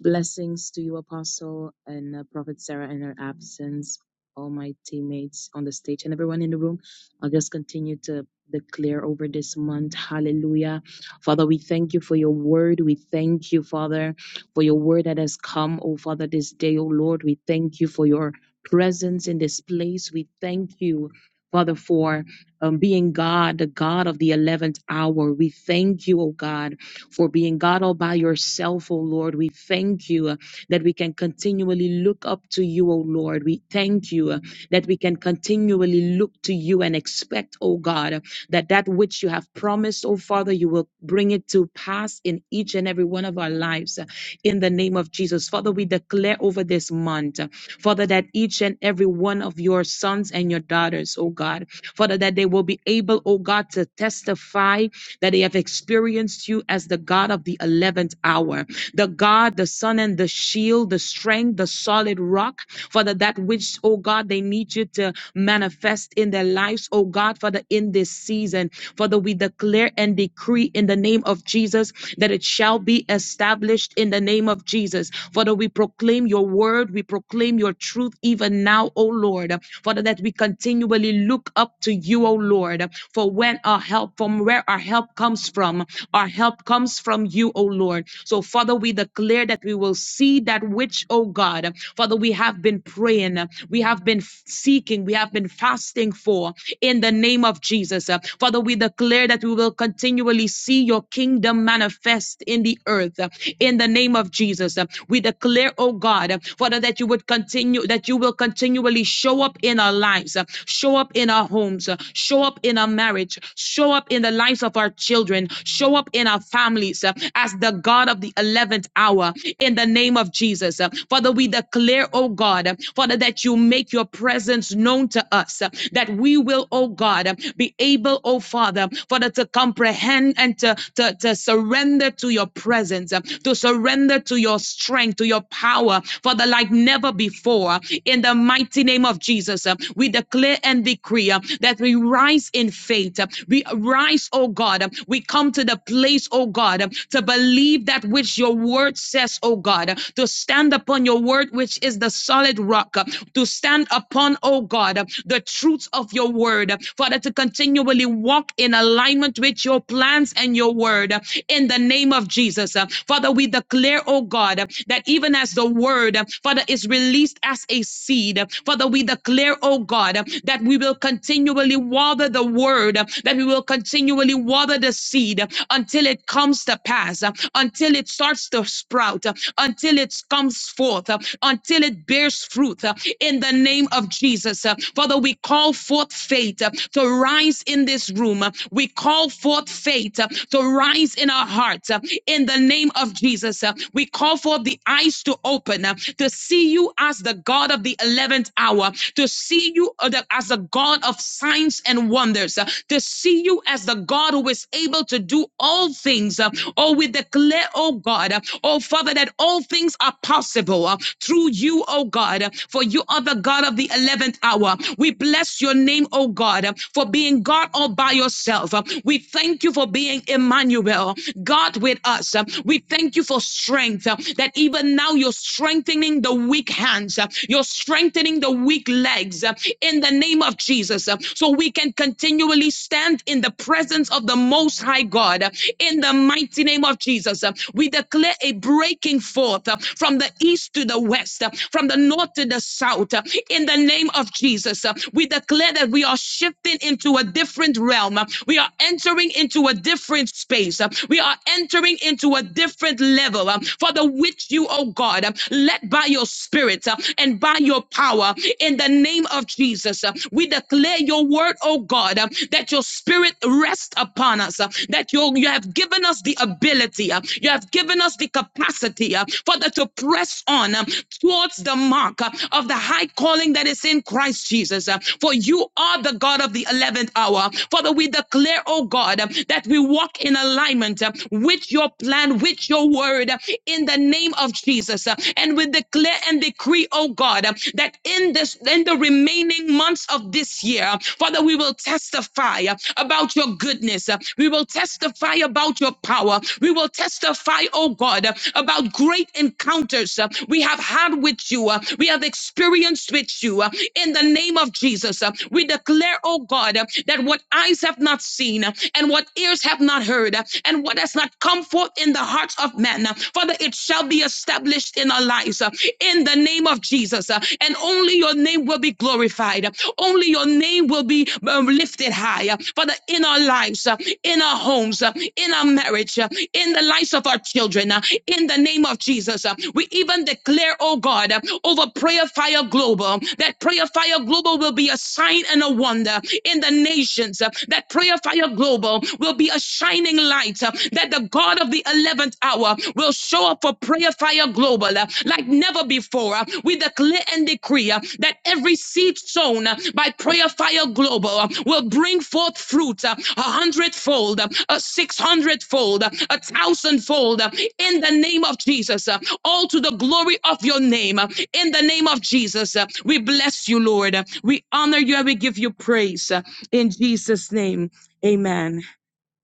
Speaker 5: Blessings to you, Apostle and uh, Prophet Sarah, in her absence, all my teammates on the stage, and everyone in the room. I'll just continue to declare over this month. Hallelujah. Father, we thank you for your word. We thank you, Father, for your word that has come, oh Father, this day, oh Lord. We thank you for your presence in this place. We thank you. Father, for um, being God, the God of the 11th hour. We thank you, oh God, for being God all by yourself, O Lord. We thank you that we can continually look up to you, O Lord. We thank you uh, that we can continually look to you and expect, O God, uh, that that which you have promised, O Father, you will bring it to pass in each and every one of our lives. uh, In the name of Jesus, Father, we declare over this month, uh, Father, that each and every one of your sons and your daughters, O God, Father, that they will be able, O God, to testify that they have experienced you as the God of the 11th hour. The God, the Son, and the shield, the strength, the solid rock. Father, that which, oh God, they need you to manifest in their lives, oh God, Father, in this season. Father, we declare and decree in the name of Jesus that it shall be established in the name of Jesus. Father, we proclaim your word, we proclaim your truth even now, O Lord. Father, that we continually look up to you, O Lord, for when our help, from where our help comes from from. Our help comes from you, O Lord. So, Father, we declare that we will see that which, O God, Father, we have been praying, we have been seeking, we have been fasting for in the name of Jesus. Uh, Father, we declare that we will continually see your kingdom manifest in the earth uh, in the name of Jesus. Uh, We declare, O God, uh, Father, that you would continue, that you will continually show up in our lives, uh, show up in our homes, uh, show up in our marriage marriage. Show up in the lives of our children. Show up in our families uh, as the God of the 11th hour in the name of Jesus. Uh, Father, we declare, oh God, uh, Father, that you make your presence known to us, uh, that we will, oh God, uh, be able, oh Father, Father, to comprehend and to, to, to surrender to your presence, uh, to surrender to your strength, to your power, Father, like never before. In the mighty name of Jesus, uh, we declare and and decree uh, that we rise in faith. uh, We rise, oh God. uh, We come to the place, oh God, uh, to believe that which your word says, oh God, uh, to stand upon your word, which is the solid rock, uh, to stand upon, oh God, uh, the truths of your word. uh, Father, to continually walk in alignment with your plans and your word uh, in the name of Jesus. uh, Father, we declare, oh God, uh, that even as the word, uh, Father, is released as a seed, need. Father, we declare, oh God, that we will continually water the word, that we will continually water the seed until it comes to pass, until it starts to sprout, until it comes forth, until it bears fruit in the name of Jesus. Father, we call forth faith to rise in this room. We call forth faith to rise in our hearts in the name of Jesus. We call forth the eyes to open uh, to see you as the God of the 11th hour, to see you uh, as the God of signs and wonders, uh, to see you as the God who is able to do all things. uh, Oh, we declare, oh God, uh, oh Father, that all things are possible uh, through you, oh God, uh, for you are the God of the 11th hour. We bless your name, oh God, uh, for being God all by yourself. Uh, We thank you for being Emmanuel, God with us. Uh, We thank you for strength, uh, that even now you're strengthening the weak hands, uh, you're strengthening the weak legs uh, in the name of Jesus. uh, So we can continually stand in the presence of the Most High God uh, in the mighty name of Jesus. uh, We declare a breaking forth uh, from the east to the west, uh, from the north to the south uh, in the name of Jesus. uh, We declare that we are shifting into a different realm, uh, we are entering into a different space. uh, we are entering into a different level. um, Father, which you, oh God, um, led by your spirit uh, and by your power in the name of Jesus. uh, We declare your word, oh God, uh, that your spirit rests upon us, uh, that you, you have given us the ability, uh, you have given us the capacity, uh, Father, to press on um, towards the mark uh, of the high calling that is in Christ Jesus. uh, For you are the God of the 11th hour. Father, we declare, declare, oh God, that we walk in alignment with your plan, with your word, in the name of Jesus. And we declare and decree, oh God, that in this in the remaining months of this year, Father, we will testify about your goodness. We will testify about your power. We will testify, oh God, about great encounters we have had with you. We have experienced with you in the name of Jesus. We declare declare, oh God, uh, that what eyes have not seen uh, and what ears have not heard uh, and what has not come forth in the hearts of men, uh, Father, it shall be established in our lives uh, in the name of Jesus. uh, And only your name will be glorified. Only your name will be um, lifted high. uh, Father, in our lives, uh, in our homes, uh, in our marriage, uh, in the lives of our children, uh, in the name of Jesus. uh, We even declare, oh God, uh, over Prayer Fire Global, that prayer Prayer Fire Global will be a sign and a wonder in the nations. uh, That Prayer Fire Global will be a shining light. uh, That the God of the 11th hour will show up for Prayer Fire Global uh, like never before. uh, We declare and decree uh, that every seed sown uh, by Prayer Fire Global uh, will bring forth fruit uh, a hundredfold, uh, a six hundredfold, uh, a thousandfold uh, in the name of Jesus. uh, All to the glory of your name. uh, in the name of Jesus, uh, we bless you, Lord. Uh, We honor you and we give you praise. Uh, In Jesus' name, amen.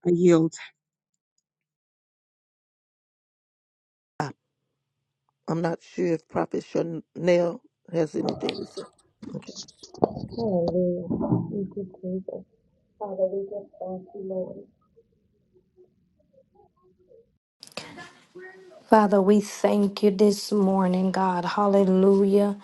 Speaker 5: I yield.
Speaker 6: I, I'm not sure if Prophet Chanel has anything to say. Okay.
Speaker 7: Hallelujah. Thank you, Jesus. Father, we just thank you, Lord. Father, we thank you this morning, God. Hallelujah.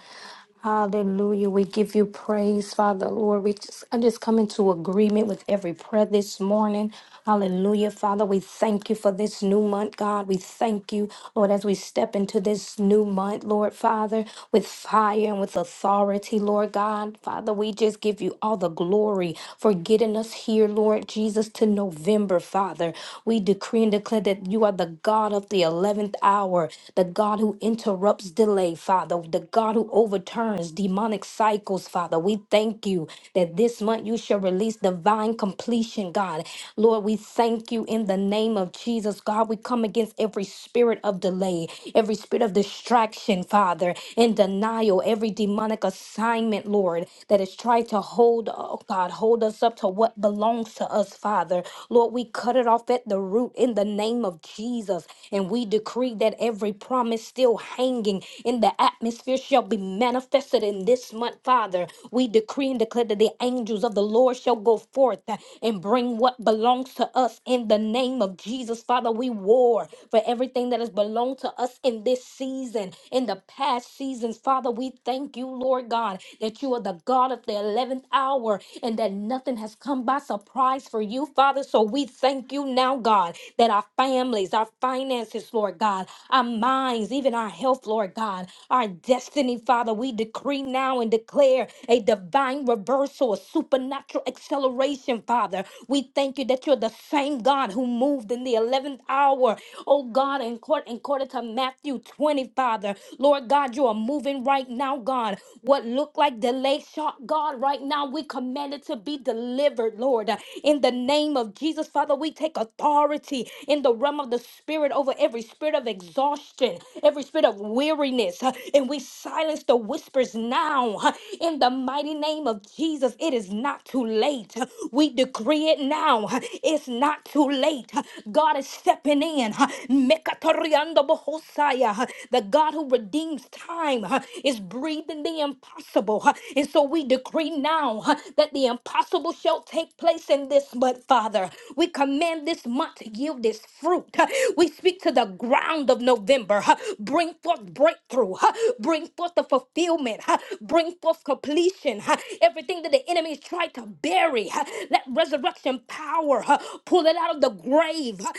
Speaker 7: Hallelujah. We give you praise, Father Lord. We just, I just come into agreement with every prayer this morning. Hallelujah, Father. We thank you for this new month, God. We thank you, Lord, as we step into this new month, Lord, Father, with fire and with authority, Lord God. Father, we just give you all the glory for getting us here, Lord Jesus, to November, Father. We decree and declare that you are the God of the 11th hour, the God who interrupts delay, Father yourself, the God who overturns demonic cycles, Father. We thank you that this month you shall release divine completion, God. Lord, we thank you in the name of Jesus, God. We come against every spirit of delay, every spirit of distraction, Father, and denial, every demonic assignment, Lord, that has tried to hold, oh God, hold us up to what belongs to us, Father. Lord, we cut it off at the root in the name of Jesus, and we decree that every promise still hanging in the atmosphere shall be manifested in this month, Father. We decree and declare that the angels of the Lord shall go forth uh, and bring what belongs to us in the name of Jesus, Father. We war for everything that has belonged to us in this season, in the past seasons, Father. We thank you, Lord God, that you are the God of the 11th hour and that nothing has come by surprise for you, Father. So we thank you now, God, that our families, our finances, Lord God, our minds, even our health, Lord God, our destiny, Father. We decree now and declare a divine reversal, a supernatural acceleration, Father. We thank you that you're the same God who moved in the 11th hour, oh God, in court, in quarter to Matthew 20, Father. Lord God, you are moving right now, God. What looked like delay shot, God, right now we command it to be delivered, Lord. In the name of Jesus, Father, we take authority in the realm of the Spirit, spirit, over every spirit of exhaustion, every spirit of weariness, uh, and we silence the whispers now. uh, In the mighty name of Jesus, it is not too late. Uh, We decree it now. uh, It's not too late. Uh, God is stepping in. uh, Mekatoriando bohosaya, uh, The God who redeems time uh, is breathing the impossible. uh, And so we decree now uh, that the impossible shall take place in this month, Father. We command this month to yielded its fruit. We speak to the ground of November. Bring forth breakthrough. Bring forth the fulfillment. Bring forth completion. Everything that the enemy has tried to bury. Let resurrection power pull it out of the grave.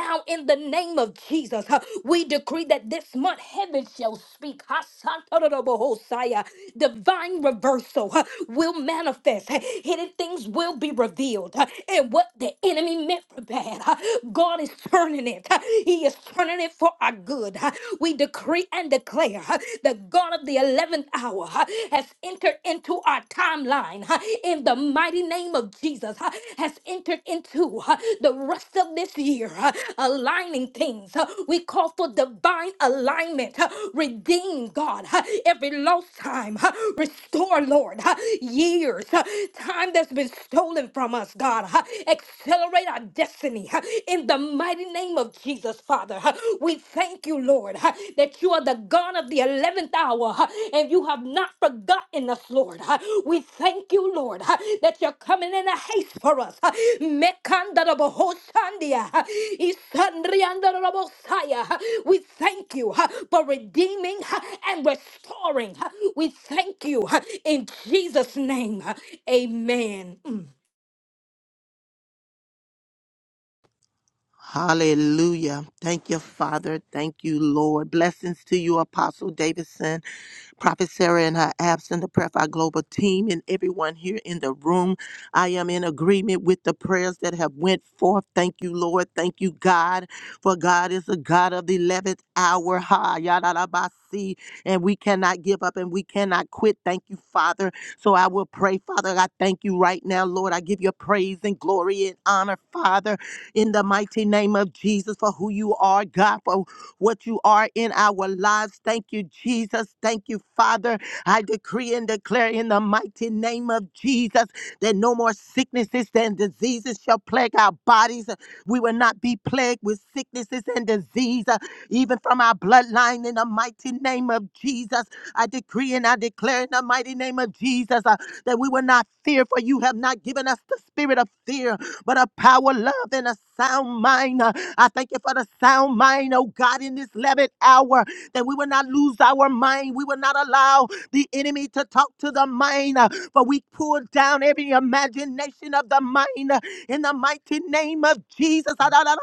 Speaker 7: Now, in the name of Jesus, we decree that this month heaven shall speak. Divine reversal will manifest. Hidden things will be revealed. And what the enemy meant for bad. God is turning it. He is turning it for our good. We decree and declare the God of the 11th hour has entered into our timeline in the mighty name of Jesus, has entered into the rest of this year, aligning things. We call for divine alignment. Redeem, God, every lost time. Restore, Lord, years, time that's been stolen from us, God. Accelerate our destiny in the mighty name of Jesus, Father. We thank you, Lord, that you are the God of the 11th hour and you have not forgotten us, Lord. We thank you, Lord, that you're coming in a haste for us. Mekandarabohosandia, isandriandarabosaya. We thank you for redeeming and restoring. We thank you in Jesus' name. Amen. Mm.
Speaker 6: Hallelujah. Thank you, Father. Thank you, Lord. Blessings to you, Apostle Davidson, Prophet Sarah and her absent, the Prayer Fire Global team, and everyone here in the room. I am in agreement with the prayers that have went forth. Thank you, Lord. Thank you, God, for God is the God of the 11th hour. Ha, yadalabasi. And we cannot give up and we cannot quit. Thank you, Father. So I will pray, Father. I thank you right now, Lord. I give you praise and glory and honor, Father in the mighty name of Jesus for who you are, God, for what you are in our lives. Thank you, Jesus. Thank you, Father. I decree and declare in the mighty name of Jesus that no more sicknesses and diseases shall plague our bodies. We will not be plagued with sicknesses and disease, uh, even from our bloodline in the mighty name of Jesus. I decree and I declare in the mighty name of Jesus uh, that we will not fear, for you have not given us the spirit of fear, but a power, love, and a sound mind. Uh, I thank you for the sound mind, oh God, in this 11th hour, that we will not lose our mind. We will not allow the enemy to talk to the mind, uh, for we pull down every imagination of the mind uh, in the mighty name of Jesus. Adonamasi.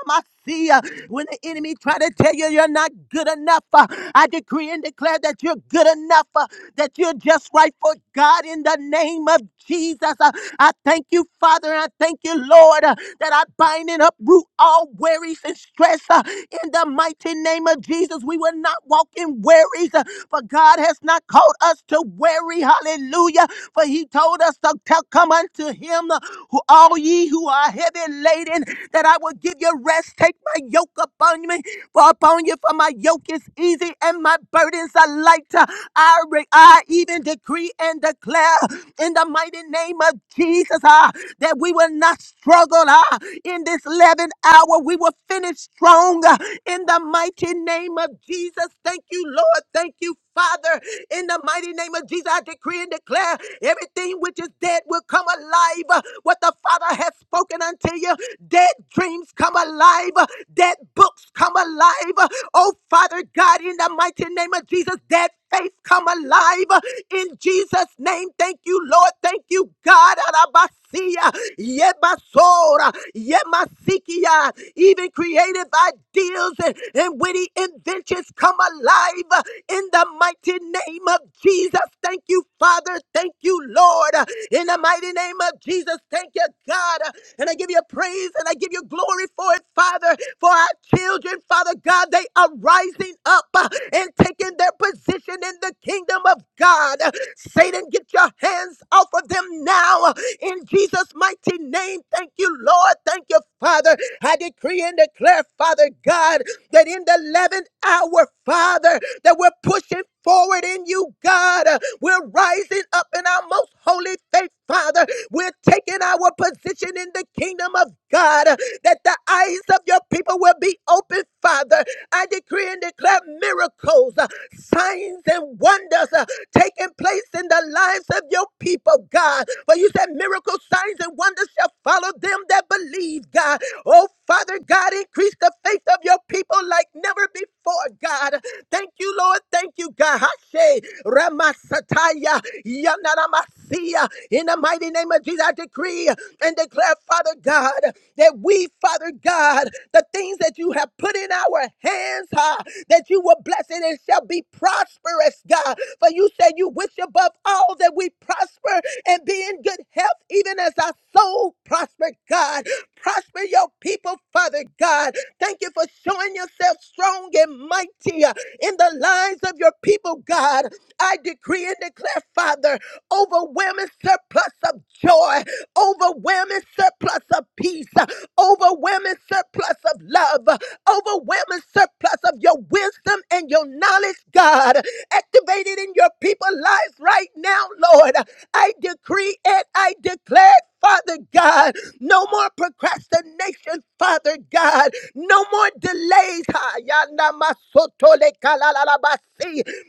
Speaker 6: When the enemy try to tell you you're not good enough, uh, I decree and declare that you're good enough. uh, that you're just right for God in the name of Jesus. Uh, I thank you, Father, and I thank you, Lord, uh, that I bind and uproot all worries and stress uh, in the mighty name of Jesus. We will not walk in worries, uh, for God has not called us to worry. Hallelujah. For He told us to tell, come unto Him, uh, who all ye who are heavy laden, that I will give you rest. Take my yoke upon me for upon you, for my yoke is easy and my burdens are light. I, re- I even decree and declare in the mighty name of Jesus ah, that we will not struggle ah, in this 11th hour. We will finish strong ah, in the mighty name of Jesus. Thank you, Lord. Thank you, Father, in the mighty name of Jesus, I decree and declare everything which is dead will come alive. What the Father has spoken unto you, dead dreams come alive, dead books come alive. Oh, Father God, in the mighty name of Jesus, dead faith come alive. In Jesus' name, thank you, Lord. Thank you, God. Yebasia, Yebasora, Yemasikia, even creative ideas and, and witty inventions come alive uh, in the mighty name of Jesus. Thank you, Father. Thank you, Lord. Uh, In the mighty name of Jesus, thank you, God. Uh, And I give you praise and I give you glory for it, Father, for our children, Father God. They are rising up uh, and taking their position in the kingdom kingdom of God. Satan, get your hands off of them now in Jesus' mighty name. Thank you, Lord. Thank you, Father. I decree and declare, Father God, that in the 11th hour, Father, that we're pushing forward in you, God. We're rising up in our most holy faith, Father. We're taking our position in the kingdom of God, that the eyes of your people will be open, Father. I decree and declare miracles, uh, signs, and wonders uh, taking place in the lives of your people, God. For you said miracles, signs, and wonders shall follow them that believe, God. Oh, Father God, increase the faith of your people like never before for, God. Thank you, Lord. Thank you, God. Hashe, Ramasataya, Yanaramasia. In the mighty name of Jesus, I decree and declare, Father God, that we, Father God, the things that you have put in our hands, ha, that you will bless it and shall be prosperous, God. For you said you wish above all that we prosper and be in good health, even as our soul prosper, God. Prosper your people, Father God. Thank you you for showing yourself strong and mighty uh, in the lives of your people, God. I decree and declare, Father, overwhelming surplus of joy, overwhelming surplus of peace, uh, overwhelming surplus of love, uh, overwhelming surplus of your wisdom and your knowledge, God. Activated in your people's lives right now, Lord. I decree and I declare. Father God. No more procrastination, Father God. No more delays. Ha, yanda masoto le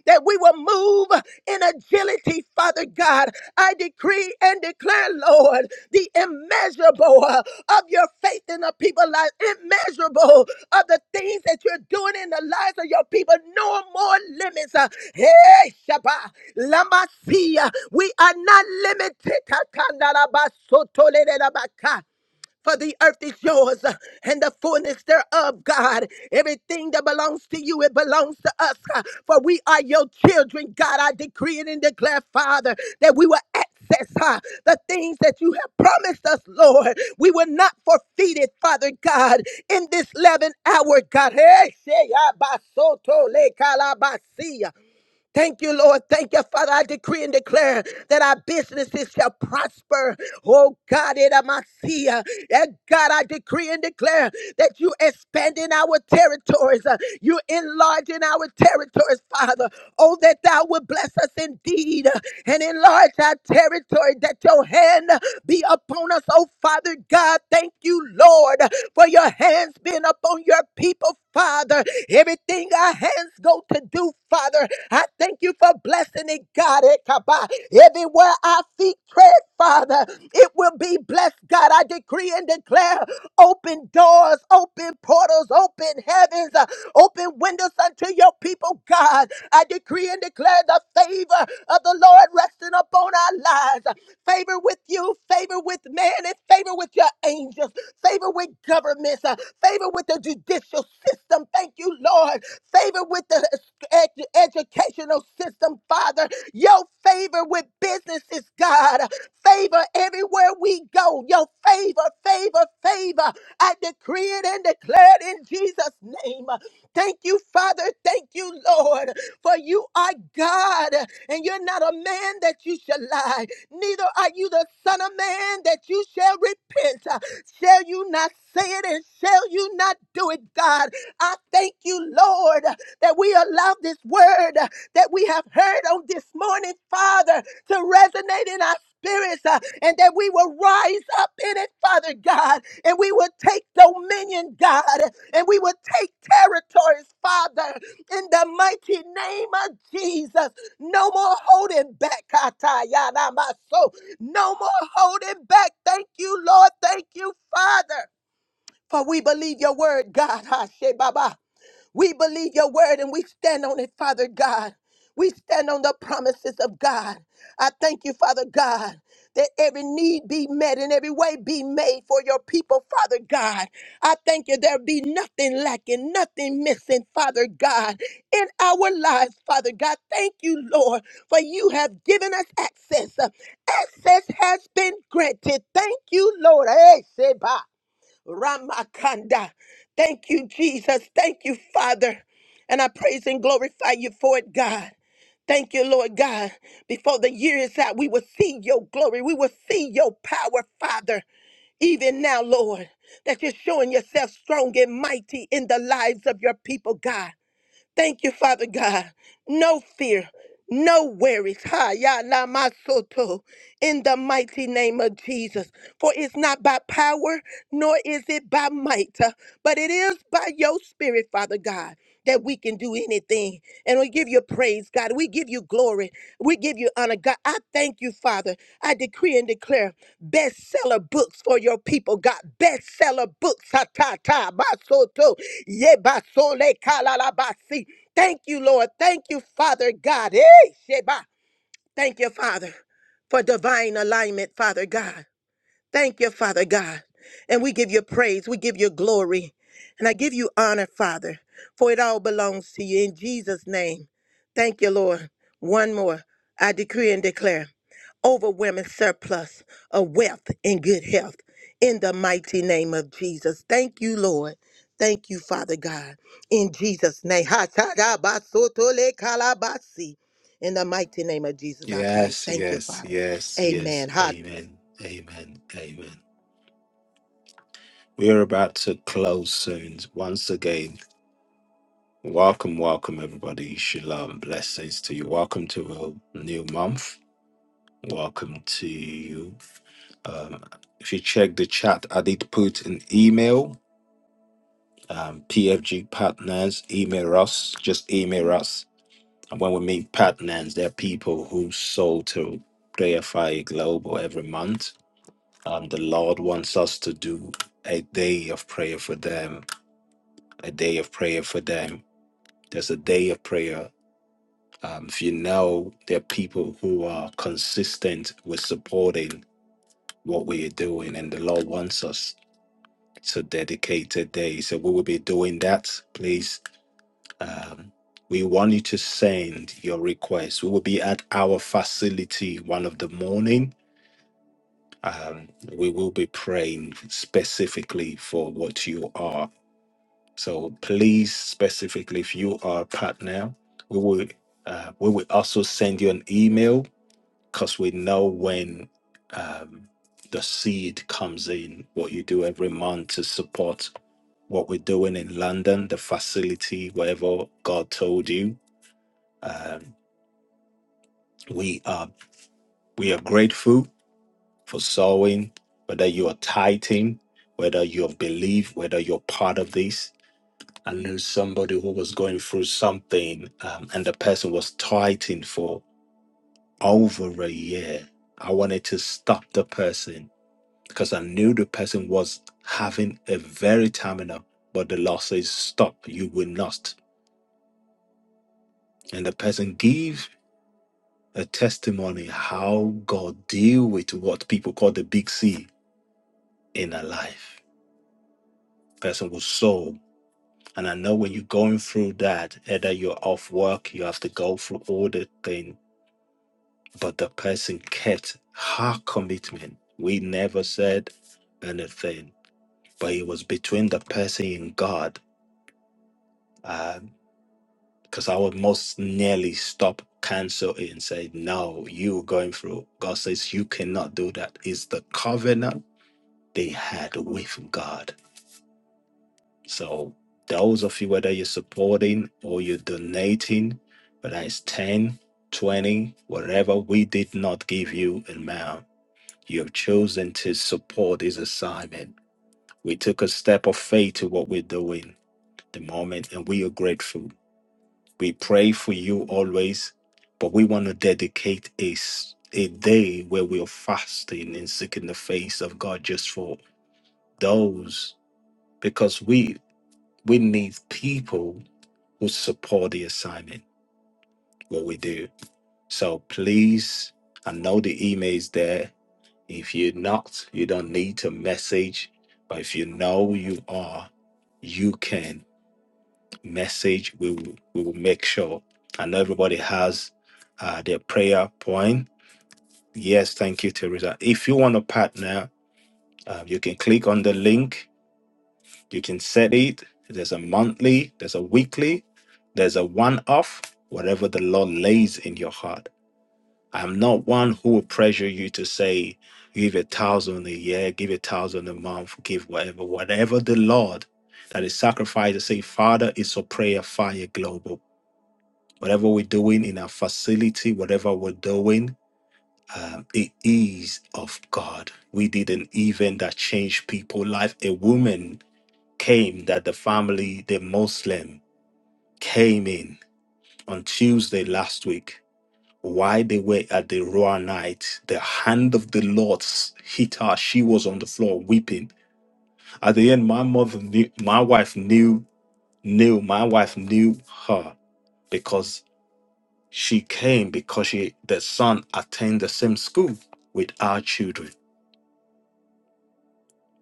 Speaker 6: That we will move in agility, Father God. I decree and declare, Lord, the immeasurable uh, of your faith in the people's lives, immeasurable of the things that you're doing in the lives of your people. No more limits. uh, Hey, Shabbat. Lama Sia. We are not limited. Kakandarabasotolelelabaka. For the earth is yours uh, and the fullness thereof, God. Everything that belongs to you, it belongs to us. uh, For we are your children, God. I decree it and declare, Father, that we will access uh, the things that you have promised us, Lord. We will not forfeit it, Father God, in this 11 hour, God. Hey, shey, ah, basoto, le, calabasia. Thank you, Lord. Thank you, Father. I decree and declare that our businesses shall prosper. Oh God, it am uh, And God, I decree and declare that you expanding our territories. uh, You enlarging our territories, Father. Oh, that thou would bless us indeed uh, and enlarge our territory, that your hand uh, be upon us. Oh Father God, thank you, Lord, for your hands being upon your people, Father. Everything our hands go to do, Father, I thank you for blessing it, God. Eh, Everywhere our feet tread, Father, it will be blessed, God. I decree and declare open doors, open portals, open heavens, uh, open windows unto your people, God. I decree and declare the favor of the Lord resting upon our lives. Favor with you, favor with man, and favor with your angels, favor with governments, uh, favor with the the judicial system. Thank you, Lord. Favor with the ed- educational system, Father. Your favor with businesses, God. Favor everywhere we go. Your favor, favor, favor. I decree it and declare it in Jesus' name. Thank you, Father. Thank you, Lord. For you are God, and you're not a man that you shall lie. Neither are you the Son of Man that you shall repent. Shall you not say it? and shall you not do it, God? I thank you, Lord, that we allow this word that we have heard on this morning, Father, to resonate in our spirits uh, and that we will rise up in it, Father God, and we will take dominion, God, and we will take territories, Father, in the mighty name of Jesus. No more holding back, Katayana, my soul. No more holding back. Thank you, Lord. Thank you, Father. For we believe your word, God. Ha, she, Baba. We believe your word and we stand on it, Father God. We stand on the promises of God. I thank you, Father God, that every need be met and every way be made for your people, Father God. I thank you there be nothing lacking, nothing missing, Father God, in our lives, Father God. Thank you, Lord, for you have given us access. Access has been granted. Thank you, Lord. Hey, Seba. Ramakanda. Thank you, Jesus. Thank you, Father. And I praise and glorify you for it, God. Thank you, Lord God. Before the year is out, we will see your glory. We will see your power, Father even now, Lord, that you're showing yourself strong and mighty in the lives of your people, God. Thank you, Father God. No fear, no worries. Ha, ya, la, ma, soto. In the mighty name of Jesus. For it's not by power, nor is it by might, uh, but it is by your spirit, Father God, that we can do anything. And we give you praise praise, God. We give you glory. We give you honor, God. I thank you, Father. I decree and declare bestseller books for your people, God. Bestseller books. Ha, ta, ta, basoto, ye basole, kalalabasi. Thank you, Lord. Thank you, Father God. Eh, sheba. Thank you, Father, for divine alignment, Father God. Thank you, Father God. And we give you praise. We give you glory. And I give you honor, Father, for it all belongs to you in Jesus' name. Thank you, Lord. One more. I decree and declare overwhelming surplus of wealth and good health in the mighty name of Jesus. Thank you, Lord. Thank you, Father God. In Jesus' name. Ha, ta, da, ba, so, to, le, ka, la, ba, si. In the mighty name of Jesus, I pray.
Speaker 1: Yes,
Speaker 6: Thank you,
Speaker 1: yes,
Speaker 6: Father.
Speaker 1: yes, yes.
Speaker 6: Amen.
Speaker 1: Amen, amen, amen. We're about to close soon. Once again, welcome, welcome, everybody. Shalom, blessings to you. Welcome to a new month. Welcome to you. Um, if you check the chat, I did put an email. Um, PFG partners, email us. Just email us And When we meet partners, they're people who sold to Prayer Fire Global every month. Um, the Lord wants us to do a day of prayer for them, a day of prayer for them. There's a day of prayer. Um, if you know, there are people who are consistent with supporting what we are doing, and the Lord wants us to dedicate a day. So we will be doing that. Please Um, we want you to send your request. We will be at our facility one of the morning. Um, we will be praying specifically for what you are. So please, specifically, if you are a partner, we will uh, we will also send you an email because we know when um, the seed comes in. What you do every month to support what we're doing in London, the facility, wherever God told you Um, We are we are grateful for sowing, whether you are tithing, whether you have believed, whether you're part of this. I knew somebody who was going through something, um, and the person was tithing for over a year. I wanted to stop the person because I knew the person was having a very terminal, but the Lord says, "Stop! You will not." And the person give a testimony how God deal with what people call the big C in her life person was sow. And I know when you're going through that, either you're off work, you have to go through all the thing, but the person kept her commitment. We never said anything, but it was between the person and God. Because I would most nearly stop, cancel it, and say, No, you going through. God says, You cannot do that. It's the covenant they had with God So those of you, whether you're supporting or you're donating, whether it's 10, 20, whatever, we did not give you in amount. You have chosen to support this assignment. We took a step of faith to what we're doing at the moment, and we are grateful. We pray for you always, but we want to dedicate a, s- a day where we are fasting and seeking the face of God just for those, because we we need people who support the assignment, what we do. So please, I know the email is there. If you're not, you don't need to message. But if you know you are, you can message. We will, we will make sure. I know everybody has uh, their prayer point. Yes, thank you, Teresa. If you want to partner, uh, you can click on the link. You can set it. There's a monthly, there's a weekly, there's a one off, whatever the Lord lays in your heart I'm not one who will pressure you to say, give a thousand a year, give a thousand a month, give whatever, whatever the Lord that is sacrificed to say, Father, it's a prayer fire global. Whatever we're doing in our facility, whatever we're doing, it is of God. We did an event that changed people's life. A woman came that the family, the Muslim, came in on Tuesday last week While they were at the royal night, the hand of the Lord hit her. She was on the floor weeping. At the end, my mother knew, my wife knew, knew, my wife knew her because she came because she, the son attended the same school with our children.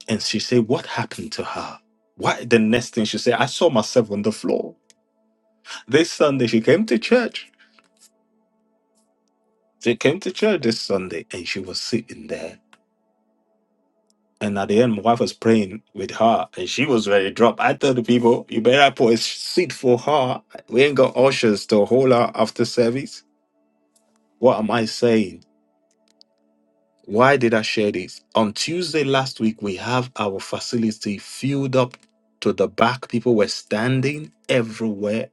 Speaker 1: And she said, What happened to her? Why? The next thing she said, I saw myself on the floor. This Sunday, she came to church. She came to church this Sunday and she was sitting there And at the end, my wife was praying with her, and she was ready to drop. I told the people, "You better put a seat for her. We ain't got ushers to hold her after service." What am I saying? Why did I share this? On Tuesday last week, we have our facility filled up to the back. People were standing everywhere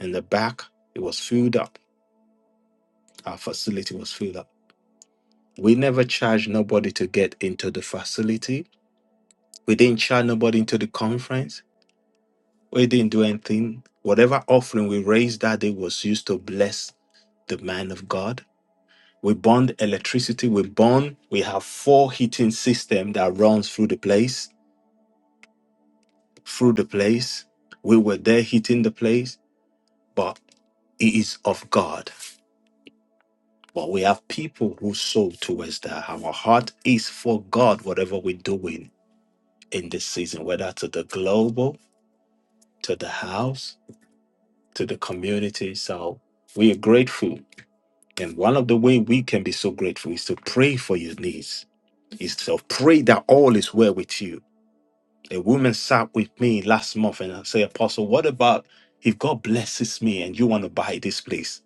Speaker 1: in the back. It was filled up. Our facility was filled up. We never charged nobody to get into the facility. We didn't charge nobody into the conference We didn't do anything. Whatever offering we raised that day was used to bless the man of God. We burned electricity. We burn. We have four heating system that runs through the place. Through the place, we were there heating the place, but it is of God. But we have people who sow towards that. Our heart is for God. Whatever we're doing in this season, whether to the global, to the house, to the community. So we are grateful And one of the way we can be so grateful is to pray for your needs, is to pray that all is well with you. A woman sat with me last month and I said, Apostle, what about if God blesses me and you want to buy this place?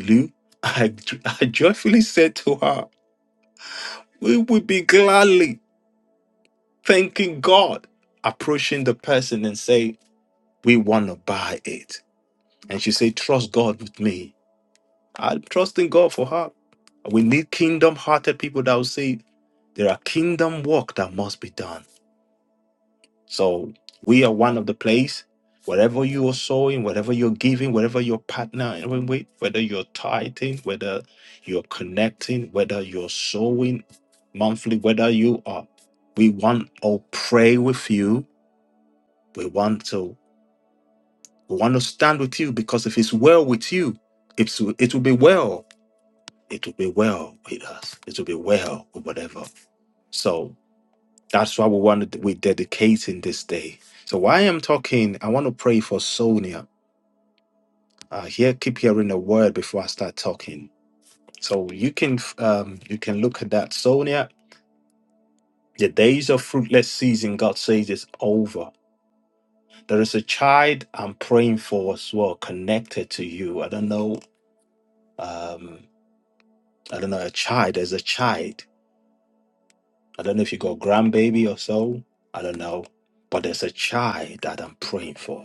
Speaker 1: Lou, I, I joyfully said to her, we would be gladly thanking God, approaching the person and say, we want to buy it. And she said, trust God with me. I'm trusting God for her. We need kingdom hearted people that will say, There are kingdom work that must be done. So we are one of the place. Whatever you are sowing, whatever you're giving, whatever you're partnering with, whether you're tithing, whether you're connecting, whether you're sowing monthly, whether you are, we want to pray with you. We want to we want to stand with you because if it's well with you, it's it will be well. It will be well with us. It will be well with whatever. So That's why we want to, we're dedicating this day. So while I'm talking, I want to pray for Sonia. Uh, here, keep hearing the word before I start talking. So you can um, you can look at that, Sonia. The days of fruitless season, God says, is over. There is a child I'm praying for as well, connected to you. I don't know. Um, I don't know a child. There's a child. I don't know if you got grandbaby or so. I don't know, but there's a child that I'm praying for.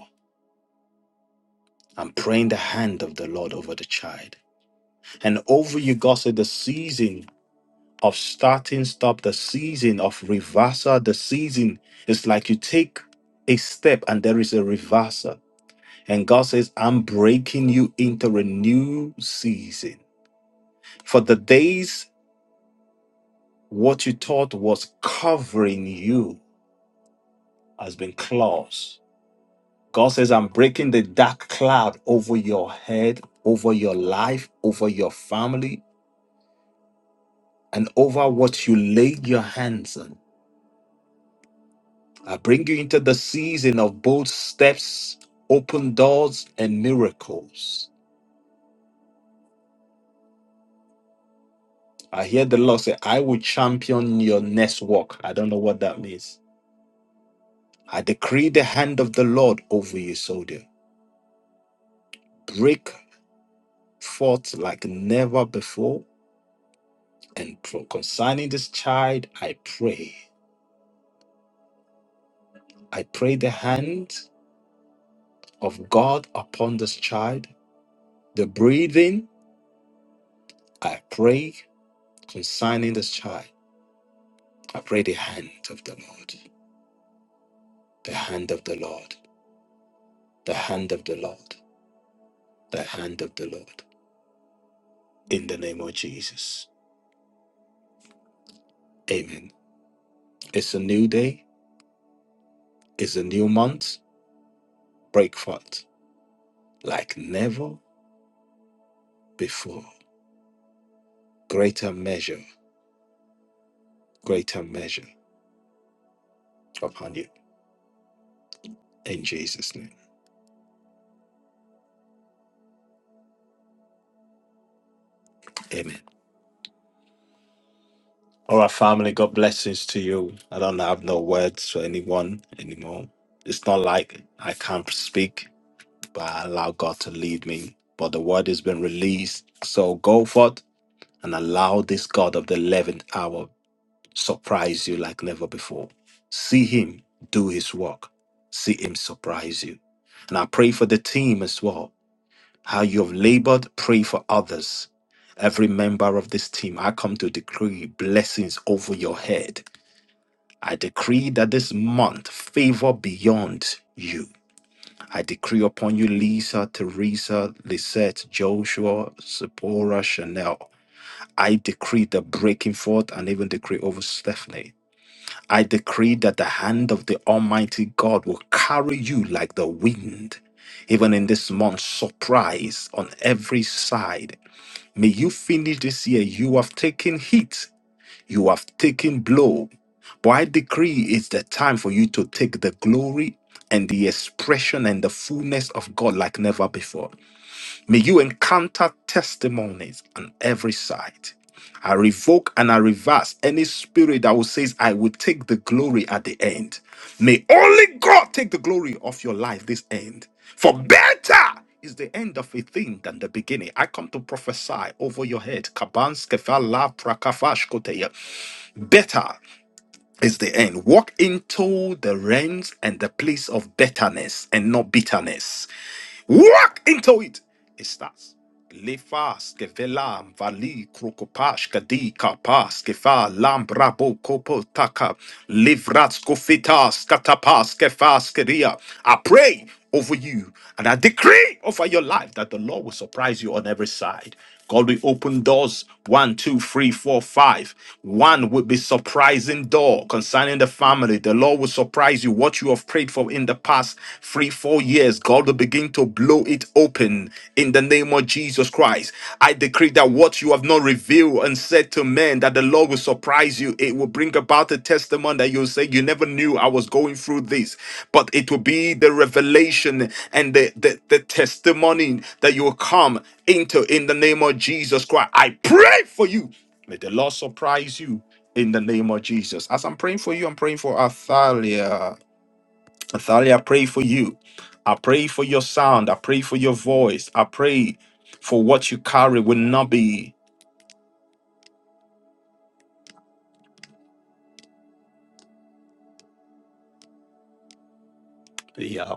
Speaker 1: I'm praying the hand of the Lord over the child. And over you, God said, the season of starting, stop, the season of reversal, the season is like you take a step and there is a reversal. And God says, I'm breaking you into a new season. For the days what you thought was covering you has been closed. God says, I'm breaking the dark cloud over your head, over your life, over your family, and over what you lay your hands on. I bring you into the season of bold steps, open doors, and miracles. I hear the Lord say, I will champion your next walk. I don't know what that means. I decree the hand of the Lord over you, soldier. Break forth like never before. And pro- concerning this child, I pray. I pray the hand of God upon this child, the breathing, I pray. concerning this child, I pray the hand of the Lord, the hand of the Lord, the hand of the Lord, the hand of the Lord, in the name of Jesus. Amen. It's a new day, it's a new month. Break forth like never before. Greater measure, greater measure upon you in Jesus' name. Amen. All right, family, God blessings to you. I don't have no words for anyone anymore. It's not like I can't speak but I allow God to lead me. But the word has been released. So go forth and allow this God of the 11th hour surprise you like never before. See him do his work. See him surprise you. And I pray for the team as well. How you have labored, pray for others. Every member of this team, I come to decree blessings over your head. I decree that this month favor beyond you decree upon you, Lisa, Teresa, Lisette, Joshua, Sephora, Chanel. I decree the breaking forth and even decree over Stephanie. I decree that the hand of the Almighty God will carry you like the wind. Even in this month, surprise on every side. May you finish this year. You have taken hit, you have taken blow. But I decree it's the time for you to take the glory and the expression and the fullness of God like never before. May you encounter testimonies on every side. I revoke and I reverse any spirit that will says I will take the glory at the end. May only God take the glory of your life this end. For better is the end of a thing than the beginning. I come to prophesy over your head. Kabanskefala prakafash koteya. Better is the end. Walk into the realms and the place of betterness and not bitterness. Walk into it. It starts. Lefas, Kevelam, Vali, Krokopash, Kadika, Pas, Kefa, Lambrabo, Kopo, Taka, Livrats, Kofitas, Katapas, Kefas, Keria. I pray over you and I decree over your life that the Lord will surprise you on every side. God will open doors one, two, three, four, five. One would be surprising door concerning the family. The Lord will surprise you. What you have prayed for in the past three, four years, God will begin to blow it open in the name of Jesus Christ. I decree that what you have not revealed and said to men, that the Lord will surprise you. It will bring about a testimony that you'll say, You never knew I was going through this but it will be the revelation and the, the, the testimony that you will come into in the name of Jesus Christ. I pray for you. May the Lord surprise you in the name of Jesus. As I'm praying for you, I'm praying for Athalia. Athalia, I pray for you. I pray for your sound. I pray for your voice. I pray for what you carry will not be. I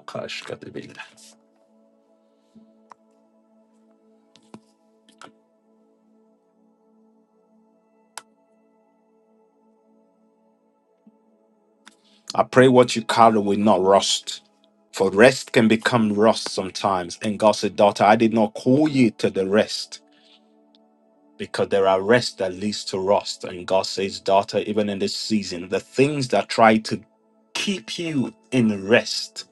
Speaker 1: pray what you carry will not rust. For rest can become rust sometimes. And God said, Daughter, I did not call you to the rest because there are rest that leads to rust. And God says, Daughter, even in this season, the things that try to keep you in rest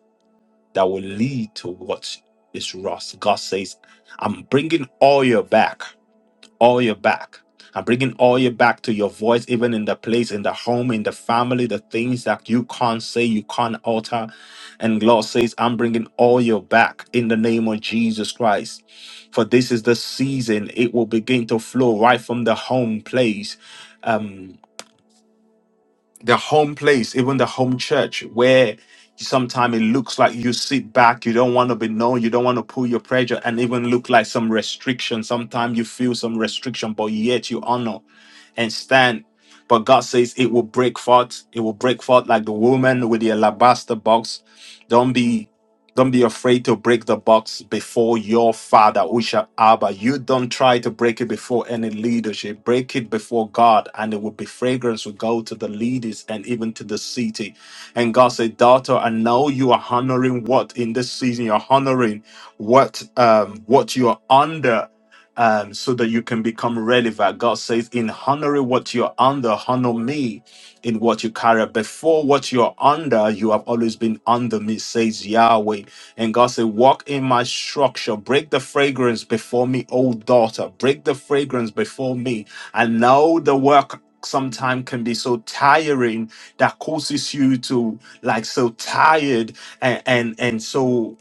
Speaker 1: that will lead to what is rust. God says, I'm bringing all your back all your back. I'm bringing all your back to your voice, even in the place, in the home, in the family, the things that you can't say, you can't alter. And Lord says, I'm bringing all your back in the name of Jesus Christ. For this is the season, it will begin to flow right from the home place. Um, the home place, even the home church, where sometimes it looks like you sit back, you don't want to be known, you don't want to pull your pressure, and even look like some restriction. Sometimes you feel some restriction, but yet you honor and stand. But God says it will break forth. It will break forth like the woman with the alabaster box. Don't be don't be afraid to break the box before your father, Usha Abba. You don't try to break it before any leadership. Break it before God, and it will be fragrance will go to the leaders and even to the city. And God said, Daughter, I know you are honoring what in this season you're honoring what um what you are under um, so that you can become relevant. God says, in honoring what you're under, honor me in what you carry. Before what you're under, you have always been under me, says Yahweh. And God said, walk in my structure, break the fragrance before me, O daughter, break the fragrance before me. I know the work sometimes can be so tiring that causes you to like so tired and and and so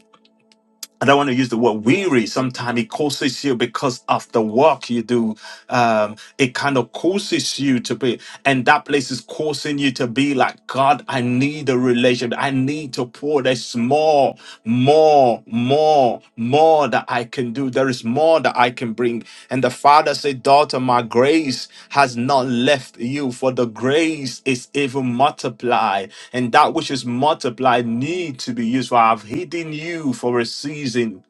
Speaker 1: I don't want to use the word weary. Sometimes it causes you because of the work you do. Um, it kind of causes you to be, and that place is causing you to be like, God, I need a relationship. I need to pour. There's more, more, more, more that I can do. There is more that I can bring. And the Father said, Daughter, my grace has not left you, for the grace is even multiplied and that which is multiplied need to be used for I've hidden you for a season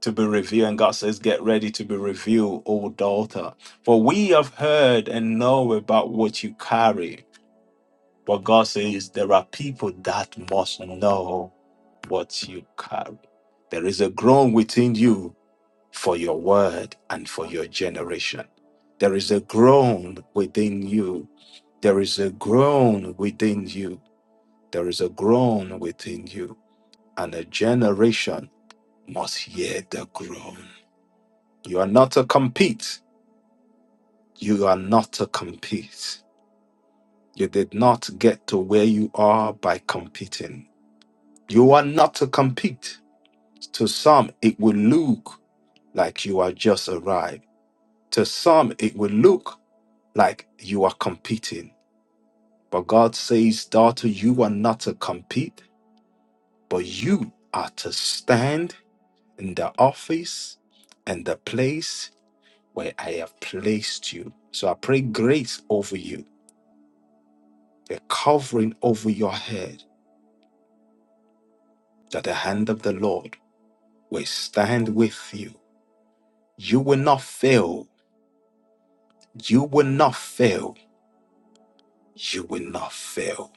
Speaker 1: to be revealed. And God says, Get ready to be revealed, O daughter. For we have heard and know about what you carry. But God says there are people that must know what you carry. There is a groan within you for your word and for your generation. There is a groan within you. There is a groan within you. There is a groan within you and a generation must hear the groan. You are not to compete. You are not to compete. You did not get to where you are by competing. You are not to compete. To some, it will look like you are just arrived. To some, it will look like you are competing. But God says, daughter, you are not to compete, but you are to stand in the office and the place where I have placed you. So I pray grace over you, a covering over your head, that the hand of the Lord will stand with you. You will not fail. You will not fail. You will not fail.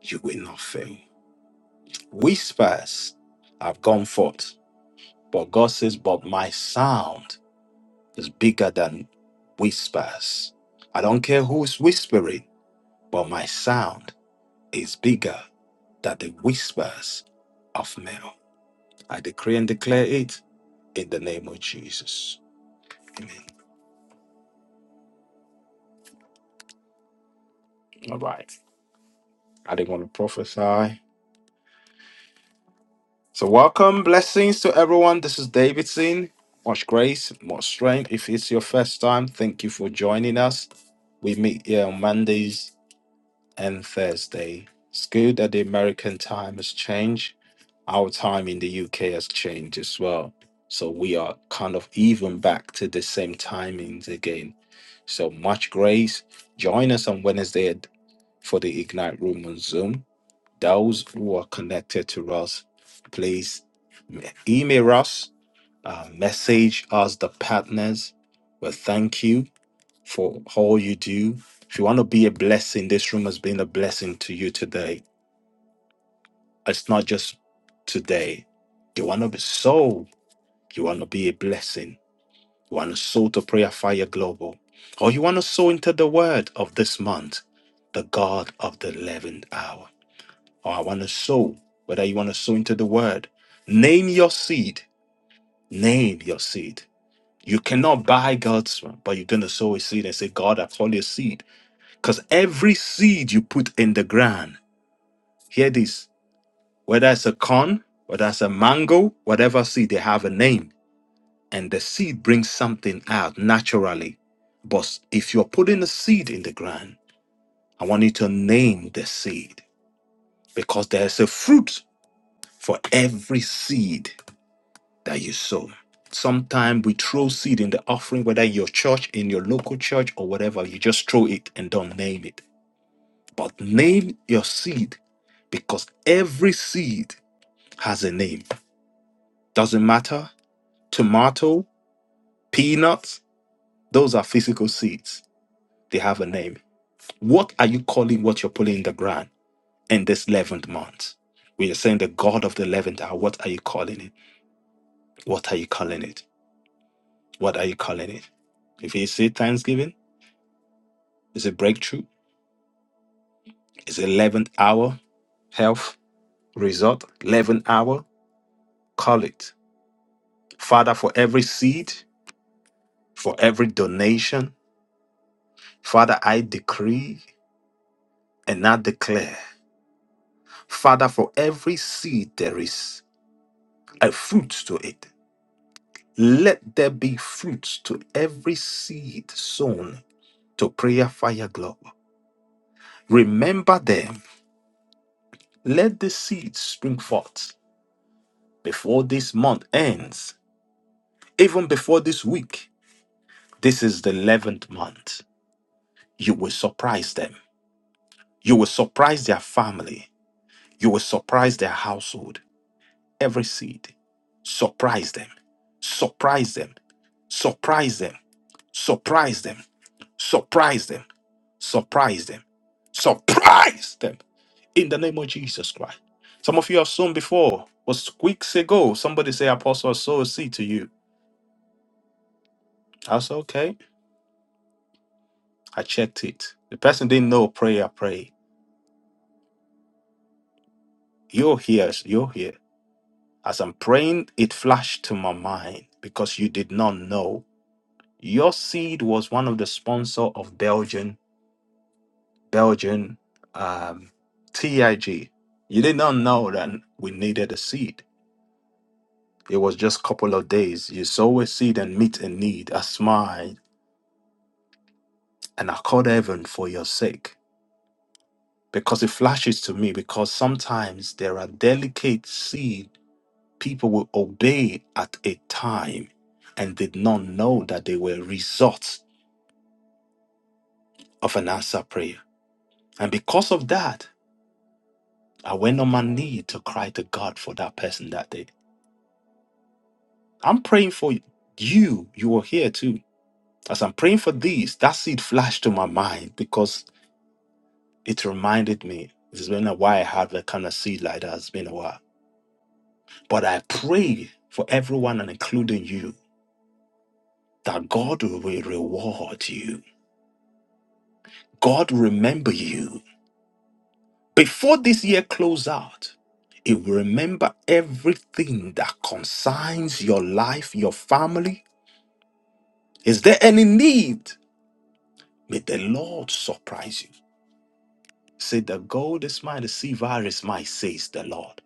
Speaker 1: You will not fail. Whispers have gone forth, but God says, But my sound is bigger than whispers. I don't care who's whispering, but my sound is bigger than the whispers of men. I decree and declare it in the name of Jesus. Amen. All right. I didn't want to prophesy. So, welcome. Blessings to everyone. This is Davidson. Much grace, much strength. If it's your first time, thank you for joining us. We meet here on Mondays and Thursday. It's good that the American time has changed. Our time in the UK has changed as well. So we are kind of even back to the same timings again. So much grace. Join us on Wednesday for the Ignite Room on Zoom. Those who are connected to us, please email us, uh, message us, the partners. Well, thank you for all you do. If you want to be a blessing, this room has been a blessing to you today. It's not just today. You want to be soul, you want to be a blessing. You want to sow to Prayer Fire Global, or you want to sow into the word of this month, the God of the 11th hour. Oh, I want to sow, whether you want to sow into the word. Name your seed. Name your seed. You cannot buy God's one, but you're going to sow a seed and say, God, I call your seed. Because every seed you put in the ground, hear this, whether it's a corn, whether it's a mango, whatever seed, they have a name. And the seed brings something out naturally. But if you're putting a seed in the ground, I want you to name the seed because there's a fruit for every seed that you sow. Sometimes we throw seed in the offering, whether in your church, in your local church, or whatever, you just throw it and don't name it. But name your seed because every seed has a name. Doesn't matter. Tomato, peanuts, those are physical seeds. They have a name. What are you calling what you're pulling in the ground in this 11th month? We are saying the God of the 11th hour. What are you calling it? What are you calling it? What are you calling it? If you say Thanksgiving, is it breakthrough? It's 11th hour health result, 11th hour. Call it. Father, for every seed, for every donation, Father, I decree and I declare. Father, for every seed, there is a fruit to it. Let there be fruit to every seed sown to prayer fire globe. Remember them. Let the seed spring forth before this month ends, even before this week. This is the 11th month. You will surprise them. You will surprise their family. You will surprise their household. Every seed. Surprise them. Surprise them. Surprise them. Surprise them. Surprise them. Surprise them. Surprise them. In the name of Jesus Christ. Some of you have sown before. Was weeks ago. Somebody say, Apostle, sow a seed to you. I said, okay. I checked it. The person didn't know prayer, pray. You're here. You're here. As I'm praying, it flashed to my mind because you did not know your seed was one of the sponsor of Belgian Belgian um, TIG. You did not know that we needed a seed. It was just a couple of days. You sow a seed and meet a need, a smile, and I called heaven for your sake. Because it flashes to me, because sometimes there are delicate seed people will obey at a time and did not know that they were results of an answer prayer. And because of that, I went on my knee to cry to God for that person that day. I'm praying for you. You are here too. As I'm praying for these, that seed flashed to my mind because it reminded me. It's been a while I had that kind of seed like that. It's been a while. But I pray for everyone and including you that God will reward you. God remember you. Before this year close out, you will remember everything that concerns your life, your family. Is there any need? May the Lord surprise you. Say, the gold is mine, the silver is mine, says the Lord.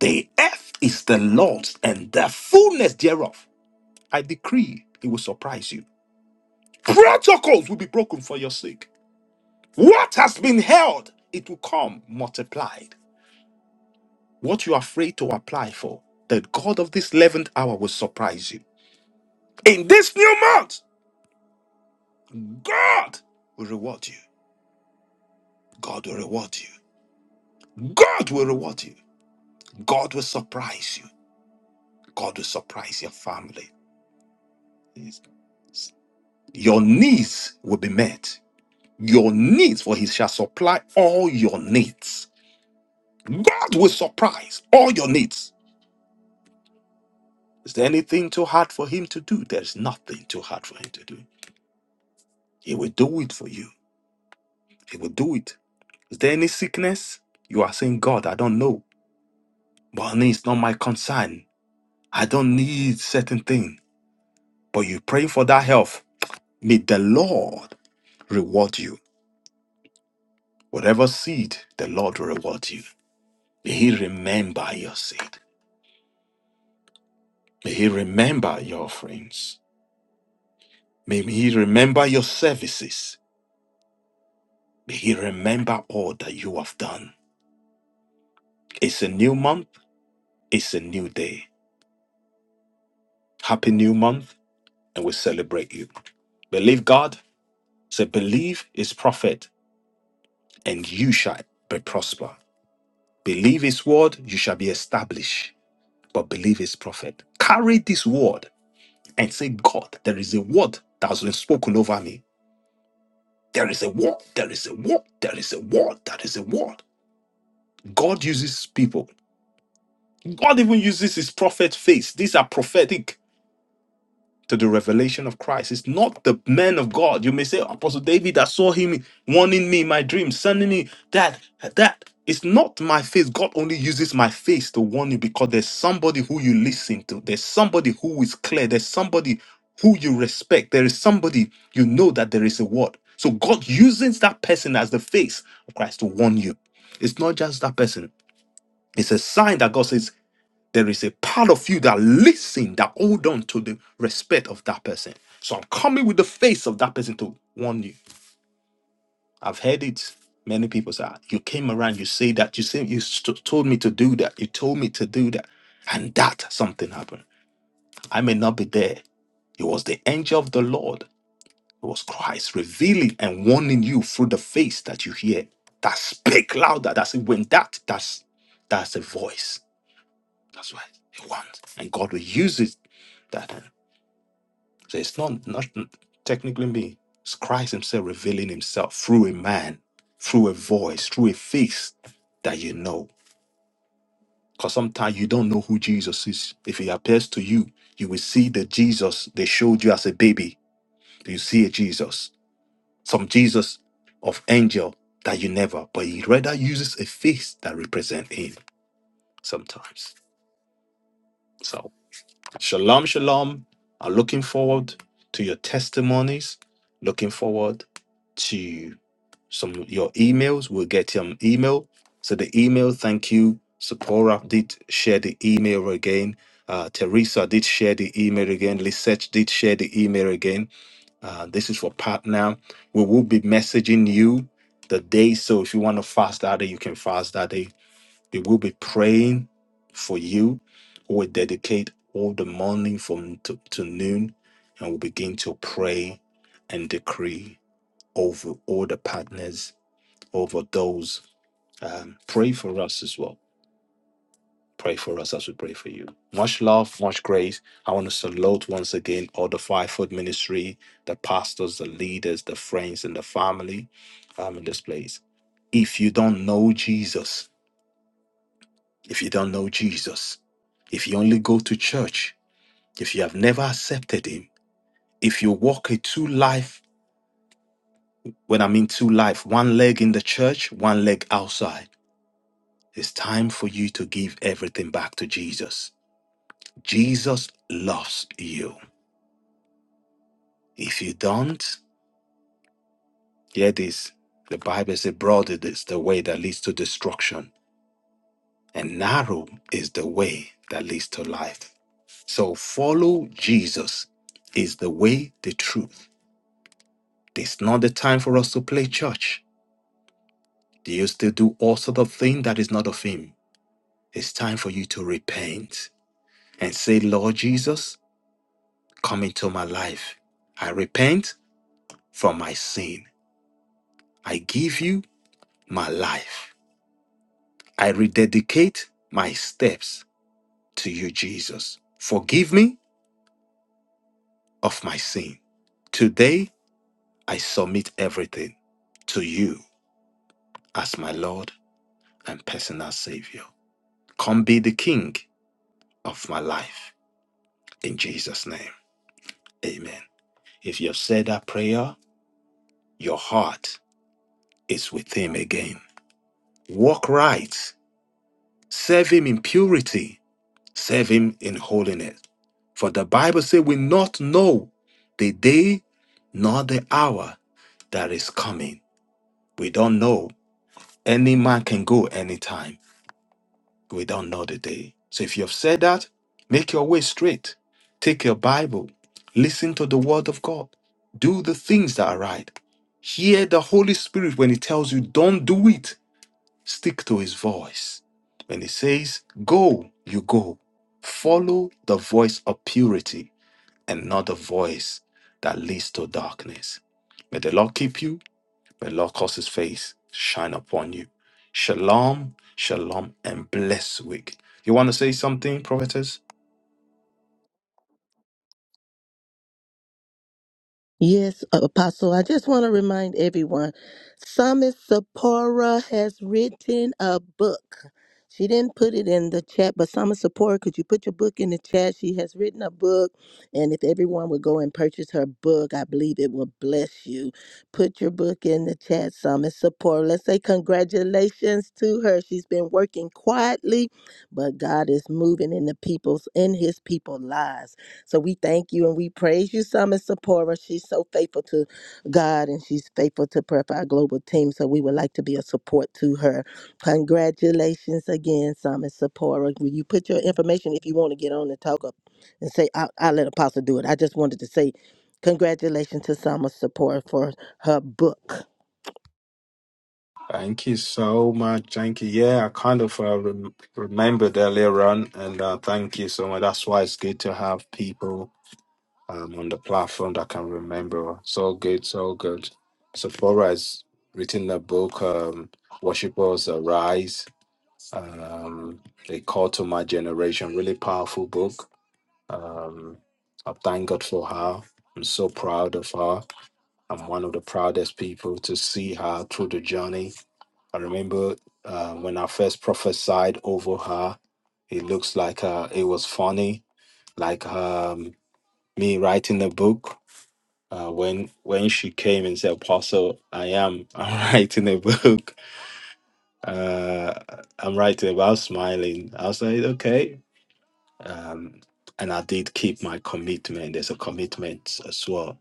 Speaker 1: The earth is the Lord's and the fullness thereof. I decree it will surprise you. Protocols will be broken for your sake. What has been held, it will come multiplied. what you're afraid to apply for, the God of this 11th hour will surprise you. In this new month, God will reward you. God will reward you. God will reward you. God will surprise you. God will surprise your family. Yes. Your needs will be met. Your needs, for He shall supply all your needs. God will surprise all your needs. Is there anything too hard for Him to do? There's nothing too hard for Him to do. He will do it for you. He will do it Is there any sickness? You are saying, God, I don't know. But honey, it's not my concern. I don't need certain thing. But you pray for that health. May the Lord reward you. Whatever seed, the Lord will reward you. May He remember your seed. May He remember your offerings. May He remember your services. May He remember all that you have done. It's a new month. It's a new day. Happy new month, and we celebrate you. Believe God. Say, believe is prophet. and you shall be prosper. Believe his word, you shall be established. But believe his prophet. Carry this word and say, God, there is a word that has been spoken over me. There is a word, there is a word, there is a word, there is a word. God uses people. God even uses his prophet face. These are prophetic to the revelation of Christ. It's not the man of God. You may say, Apostle David, that saw him warning me in my dreams, sending me that, that. It's not my face. God only uses my face to warn you because there's somebody who you listen to. There's somebody who is clear. There's somebody who you respect. There is somebody you know that there is a word. So God uses that person as the face of Christ to warn you. It's not just that person. It's a sign that God says there is a part of you that listen, that hold on to the respect of that person. So I'm coming with the face of that person to warn you. I've heard it. Many people say, "Ah, you came around, you say that, you say you st- told me to do that, you told me to do that, and that something happened. I may not be there. It was the angel of the Lord. It was Christ revealing and warning you through the face that you hear. That speak louder. That's it. When that that's that's a voice. That's why it wants, and God will use it. That. So it's not not technically me. It's Christ Himself revealing Himself through a man, through a voice, through a face that you know. Because sometimes you don't know who Jesus is. If He appears to you, you will see the Jesus they showed you as a baby. You see a Jesus, some Jesus of angel that you never. But He rather uses a face that represents Him sometimes. So shalom, shalom. I'm looking forward to your testimonies. Looking forward to. some your emails. We'll get your email. So the email, thank you. Sephora did share the email again. Uh, Teresa did share the email again. Lisette did share the email again. Uh, this is for Pat now. We will be messaging you the day. So if you want to fast that day, you can fast that day. We will be praying for you. We'll dedicate all the morning from to, to noon and we'll begin to pray and decree over all the partners, over those um, pray for us as well. Pray for us as we pray for you. Much love, much grace. I want to salute once again all the five foot ministry, the pastors, the leaders, the friends, and the family um, in this place. If you don't know Jesus, if you don't know Jesus, if you only go to church, if you have never accepted him, if you walk a two life, when I mean two life, one leg in the church, one leg outside, it's time for you to give everything back to Jesus. Jesus loves you. If you don't, hear this. The Bible says, broad is the way that leads to destruction, and narrow is the way that leads to life. So follow Jesus is the way, the truth. This is not the time for us to play church. Do you still do all sort of thing that is not of him? It's time for you to repent and say, Lord Jesus, come into my life. I repent from my sin. I give you my life. I rededicate my steps to you, Jesus. Forgive me of my sin. Today, I submit everything to you as my Lord and personal Savior. Come be the King of my life. In Jesus' name, amen. If you've said that prayer, your heart is with Him again. Walk right, serve Him in purity, serve Him in holiness. For the Bible says, We not know the day nor the hour that is coming. We don't know Any man can go anytime. We don't know the day. So if you've said that, make your way straight. Take your Bible. Listen to the word of God. Do the things that are right. Hear the Holy Spirit when He tells you, don't do it. Stick to His voice. When He says, go, you go. Follow the voice of purity and not the voice that leads to darkness. May the Lord keep you. May the Lord cause his face to shine upon you. Shalom, shalom, and bless week. You want to say something, prophetess?
Speaker 6: Yes, Apostle, I just want to remind everyone Psalmist Sephora has written a book. She didn't put it in the chat, but Psalmist Sephora, could you put your book in the chat? She has written a book, and if everyone would go and purchase her book, I believe it will bless you. Put your book in the chat, Psalmist Sephora. Let's say congratulations to her. She's been working quietly, but God is moving in the people's in His people lives. So we thank you and we praise you, Summit Sephora. She's so faithful to God and she's faithful to Prayer Fire Global Team. So we would like to be a support to her. Congratulations again, Summit Sephora. Will you put your information if you want to get on and talk up and say, I'll, I'll let Apostle do it. I just wanted to say congratulations to Summit Sephora for her book.
Speaker 1: Thank you so much. Thank you. Yeah, I kind of uh, rem- remembered earlier on, and uh, thank you so much. That's why it's good to have people um, on the platform that can remember. So good, so good. Sephora has written a book, um, Worshippers Arise, um, A Call to My Generation, really powerful book Um, I thank God for her. I'm so proud of her. I'm one of the proudest people to see her through the journey. I remember uh, when I first prophesied over her, it looks like uh, it was funny, like um, me writing a book. Uh, when when she came and said, "Apostle, I am I'm writing a book. Uh, I'm writing about smiling." I was like, "Okay." Um, and I did keep my commitment. There's a commitment as well.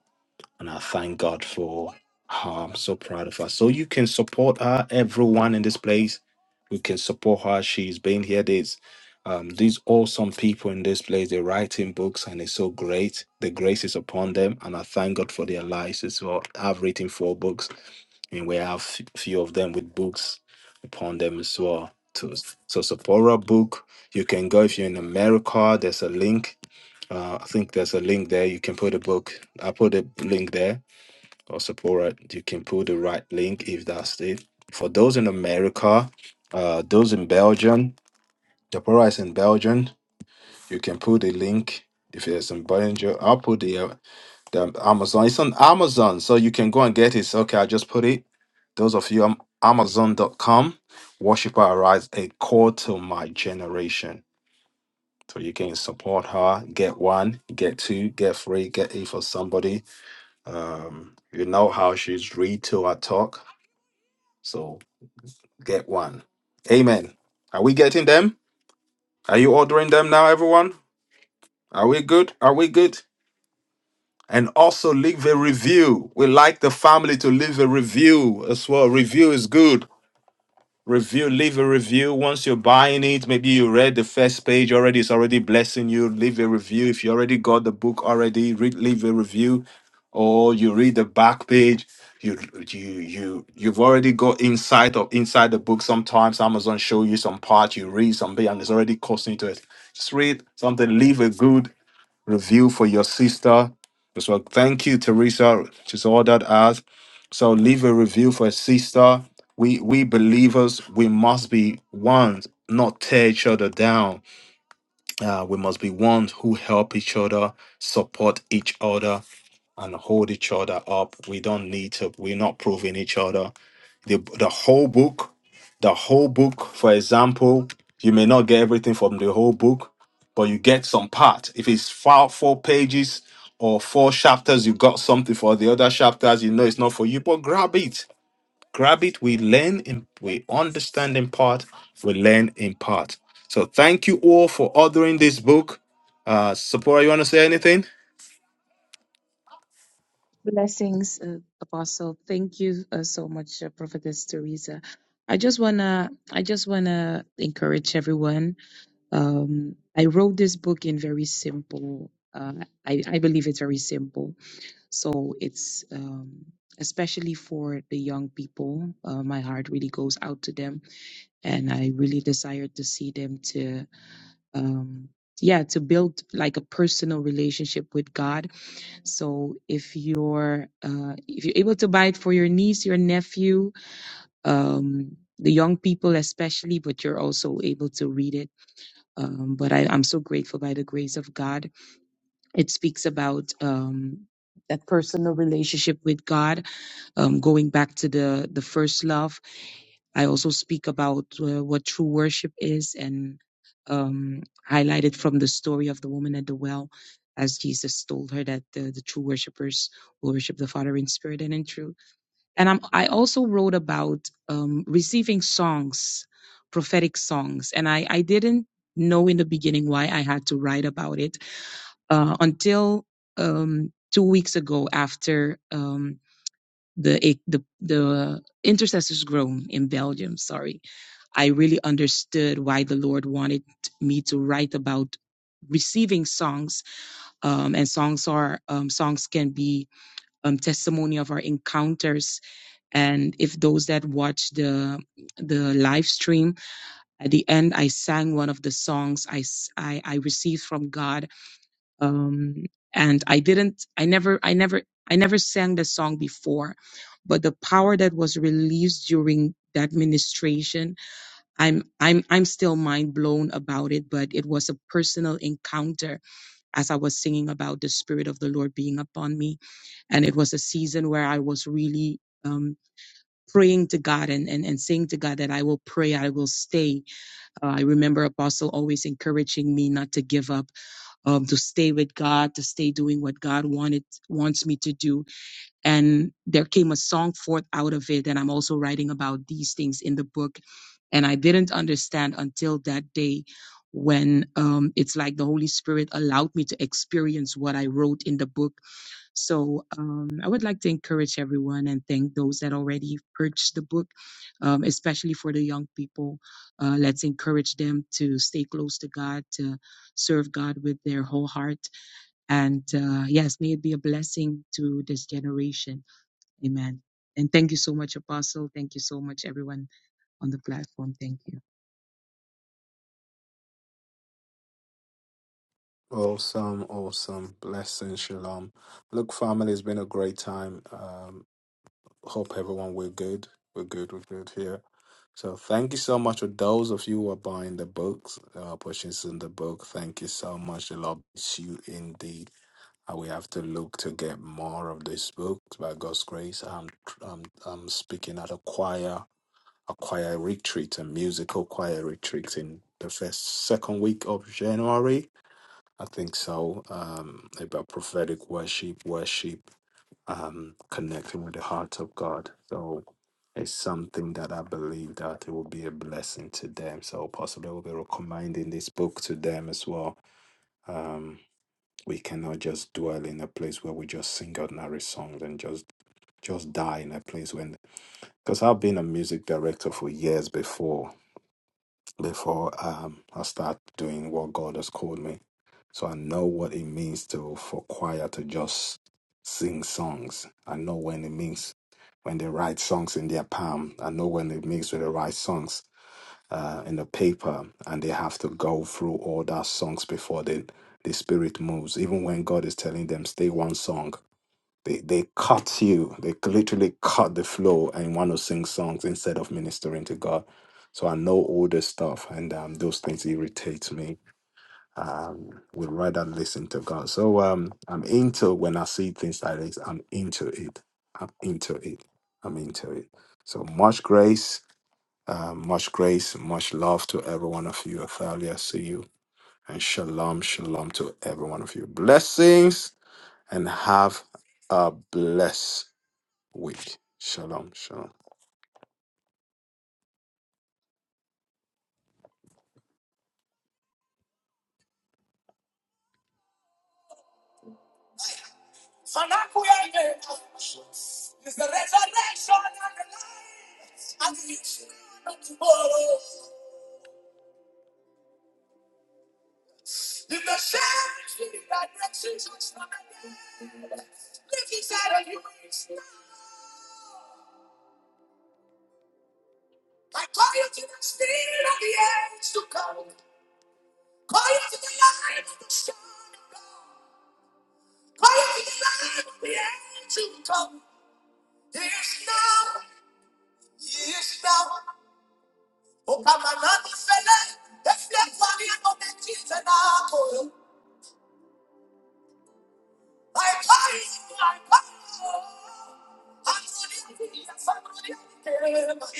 Speaker 1: And I thank God for her. I'm so proud of her. So you can support her, everyone in this place. We can support her. She's been here. There's um, these awesome people in this place. They're writing books and it's so great. The grace is upon them. And I thank God for their lives as well. I've written four books and we have f- few of them with books upon them as well. To, so support our book. You can go if you're in America. There's a link uh, I think there's a link there. You can put a book. I put a link there or support. it. You can put the right link if that's it. For those in America, uh, those in Belgium, Deborah is in Belgium. You can put the link if it's in Belgium. I'll put the uh, the Amazon. It's on Amazon, so you can go and get it. Okay, I just put it. Those of you on Amazon.com, worshiper arise a call to my generation. So you can support her, get one, get two, get three, get eight for somebody. Um, you know how she's read to her talk. So get one. Amen. Are we getting them? Are you ordering them now, everyone? Are we good? Are we good? And also leave a review. We like the family to leave a review as well. Review is good Review, leave a review once you're buying it. Maybe you read the first page already, it's already blessing you. Leave a review. If you already got the book already, read, leave a review. Or you read the back page. You you you you've already got insight of inside the book. Sometimes Amazon show you some part, you read something, and it's already costing you to it. Just read something, leave a good review for your sister. as well. thank you, Teresa. She's all that asked. So leave a review for a sister. We we believers, we must be one, not tear each other down. Uh, we must be ones who help each other, support each other, and hold each other up. We don't need to, we're not proving each other. The, the whole book, the whole book, for example, you may not get everything from the whole book, but you get some part. If it's four, four pages or four chapters, you got something for the other chapters, you know it's not for you, but grab it grab it. We learn in we understand in part, we learn in part. So thank you all for ordering this book. Uh Sephora, you want to say anything?
Speaker 5: Blessings, uh, Apostle. Thank you uh, so much, uh, Prophetess Teresa. I just wanna, I just wanna encourage everyone. Um, I wrote this book in very simple. Uh, I, I believe it's very simple, so it's um, especially for the young people. Uh, my heart really goes out to them and I really desired to see them to um yeah to build like a personal relationship with God. So if you're uh if you're able to buy it for your niece, your nephew, um the young people especially, but you're also able to read it. Um, but I, I'm so grateful by the grace of God. It speaks about um, that personal relationship with God, um, going back to the the first love I also speak about uh, what true worship is and um, highlighted from the story of the woman at the well, as Jesus told her that the, the true worshipers will worship the Father in spirit and in truth. And I'm, I also wrote about um, receiving songs, prophetic songs, and I, I didn't know in the beginning why I had to write about it uh, until um, two weeks ago after um, the, the the intercessors grown in Belgium. Sorry, I really understood why the Lord wanted me to write about receiving songs. Um, and songs are um, songs can be um, testimony of our encounters. And if those that watch the the live stream at the end, I sang one of the songs I I I received from God. Um, and I didn't. I never. I never. I never sang the song before, but the power that was released during that ministration I'm I'm I'm still mind blown about it, but it was a personal encounter as I was singing about the spirit of the Lord being upon me. And it was a season where I was really um, praying to God and, and, and saying to God that I will pray, I will stay. Uh, I remember Apostle always encouraging me not to give up, um, to stay with God, to stay doing what God wanted wants me to do. And there came a song forth out of it. And I'm also writing about these things in the book and I didn't understand until that day when um, it's like the Holy Spirit allowed me to experience what I wrote in the book. So um, I would like to encourage everyone and thank those that already purchased the book, um, especially for the young people. Uh, let's encourage them to stay close to God, to serve God with their whole heart. And uh, yes, may it be a blessing to this generation. Amen. And thank you so much, Apostle. Thank you so much, everyone on the platform. Thank you.
Speaker 1: Awesome, awesome. Blessing, shalom. Look, family, it's been a great time. Um, hope everyone we're good. We're good, we're good here. So thank you so much for those of you who are buying the books, uh, purchasing the book. Thank you so much. The Lord bless you indeed. Uh, We have to look to get more of these books by God's grace. I'm, I'm, I'm speaking at a choir, a choir retreat, a musical choir retreat in the first, second week of January. I think so. Um, about prophetic worship, worship, um, connecting with the heart of God. So it's something that I believe that it will be a blessing to them. So possibly we'll be recommending this book to them as well. Um, we cannot just dwell in a place where we just sing ordinary songs and just just die in a place when because i've been a music director for years before before um, i start doing what god has called me so i know what it means to for choir to just sing songs i know when it means when they write songs in their palm i know when it means when they write songs uh, in the paper and they have to go through all that songs before the, the spirit moves. Even when God is telling them, stay one song, they, they cut you. They literally cut the flow and want to sing songs instead of ministering to God. So I know all this stuff and um, those things irritate me. Um, would rather listen to God. So um, I'm into when I see things like this, I'm into it. I'm into it. I'm into it. So much grace. Uh, much grace, much love to every one of you. Athalia, see you. And shalom, shalom to every one of you. Blessings and have a blessed week. Shalom, shalom.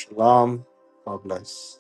Speaker 1: Shalom. God bless.